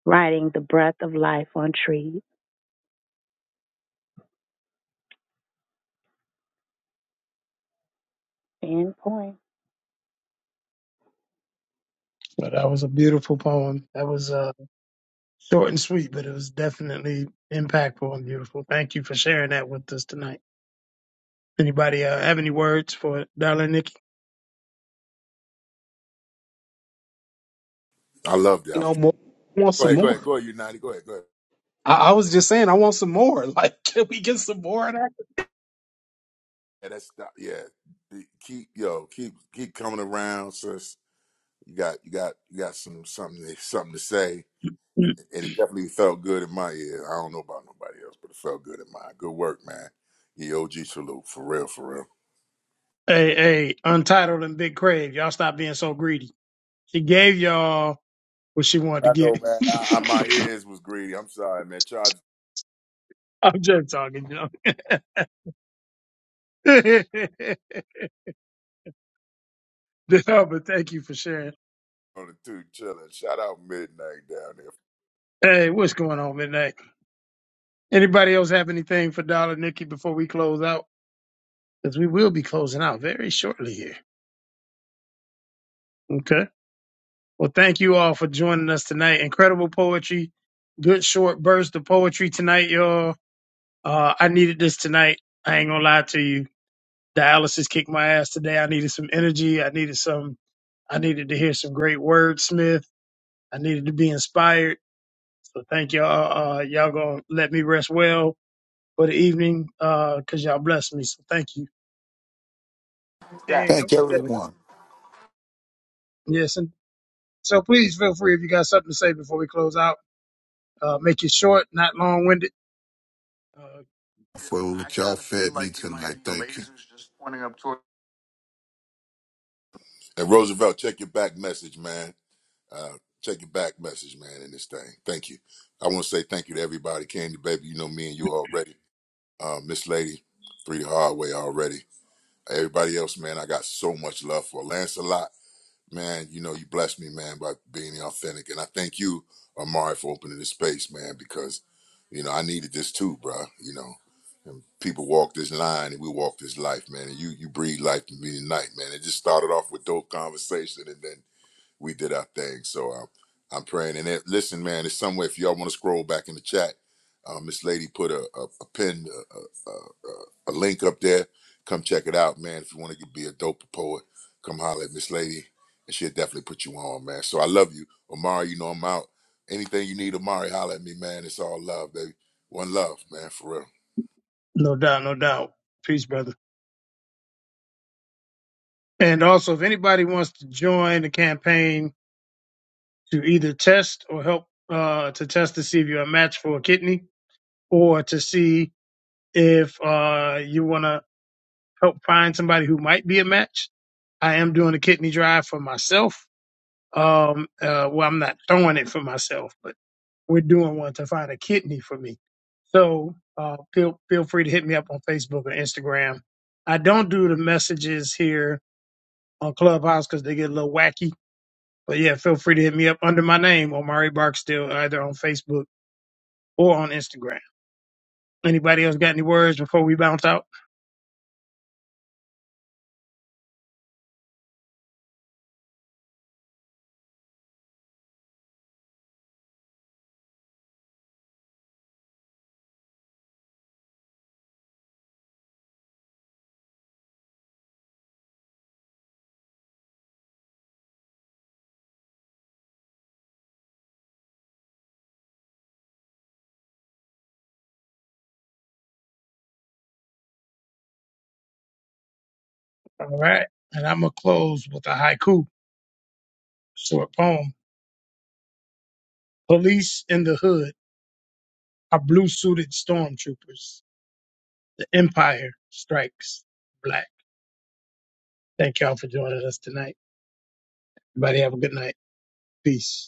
writing the breath of life on trees. End point.
But that was a beautiful poem. That was uh, short and sweet, but it was definitely impactful and beautiful. Thank you for sharing that with us tonight. Anybody uh, have any words for Darling Nikki?
I loved it.
You
I was,
know, more I want
go
some
ahead, go
more.
ahead, go ahead, United. Go ahead, go ahead.
I, I was just saying, I want some more. [LAUGHS] Like, can we get some more?
Yeah, that's not, yeah. Be- Keep yo, keep keep coming around, sis. You got you got you got some something to- something to say,
Mm.
and it definitely felt good in my ear. I don't know about nobody else, but it felt good in mine. Good work, man. Yeah, OG salute for real, for real.
Hey, hey, Untitled and Big Crave, y'all stop being so greedy. She gave y'all what she wanted to
I
give.
know, man. I, I, my ears was greedy. I'm sorry, man. Charge
[LAUGHS] I'm just talking, you know. [LAUGHS] No, but thank you for sharing.
on the two chilling. Shout out midnight down there.
Hey, what's going on midnight? Anybody else have anything for Dollar Nikki before we close out? Because we will be closing out very shortly here. Okay. Well, thank you all for joining us tonight. Incredible poetry, good short burst of poetry tonight, y'all. Uh, I needed this tonight. I ain't gonna lie to you. Dialysis kicked my ass today. I needed some energy. I needed some. I needed to hear some great wordsmith. I needed to be inspired. So thank y'all. Uh, y'all gonna let me rest well for the evening because y'all blessed me. So thank you. And
Thank
okay.
everyone
yes, and so please feel free if you got something to say before we close out. Uh, make it short, not long winded. Uh,
for what y'all fed me tonight. Thank you.
And Roosevelt, check your back message, man. Uh, check your back message, man. In this thing, thank you. I want to say thank you to everybody. Candy, baby, you know me and you already. uh, Miss Lady, Three the Hard Way already. Everybody else, man, I got so much love for Lancelot. Man, you know, you blessed me, man, by being authentic. And I thank you, Amari, for opening this space, man, because, you know, I needed this too, bruh. You know, and people walk this line and we walk this life, man. And you you breathe life to me tonight, man. It just started off with dope conversation and then we did our thing. So um, I'm praying. And it, listen, man, it's somewhere. If y'all want to scroll back in the chat, um, this lady put a a, a pin a, a, a, a link up there. Come check it out, man. If you want to be a dope poet, come holler at Miss Lady, and she'll definitely put you on, man. So I love you, Omari. You know I'm out. Anything you need, Omari, holler at me, man. It's all love, baby. One love, man, for real.
no doubt, no doubt. Peace, brother. And also, if anybody wants to join the campaign to either test or help uh, to test to see if you're a match for a kidney, or to see if uh, you want to help find somebody who might be a match, I am doing a kidney drive for myself. Um, uh, well, I'm not throwing it for myself, we're doing one to find a kidney for me. So uh, feel feel free to hit me up on Facebook or Instagram. I don't do the messages here on Clubhouse because they get a little wacky. But yeah, feel free to hit me up under my name, Omari Barksdale, either on Facebook or on Instagram. Anybody else got any words before we bounce out? All right. And I'm going to close with a haiku, short poem. Police in the hood are blue suited stormtroopers. The empire strikes black. Thank y'all for joining us tonight. Everybody have a good night. Peace.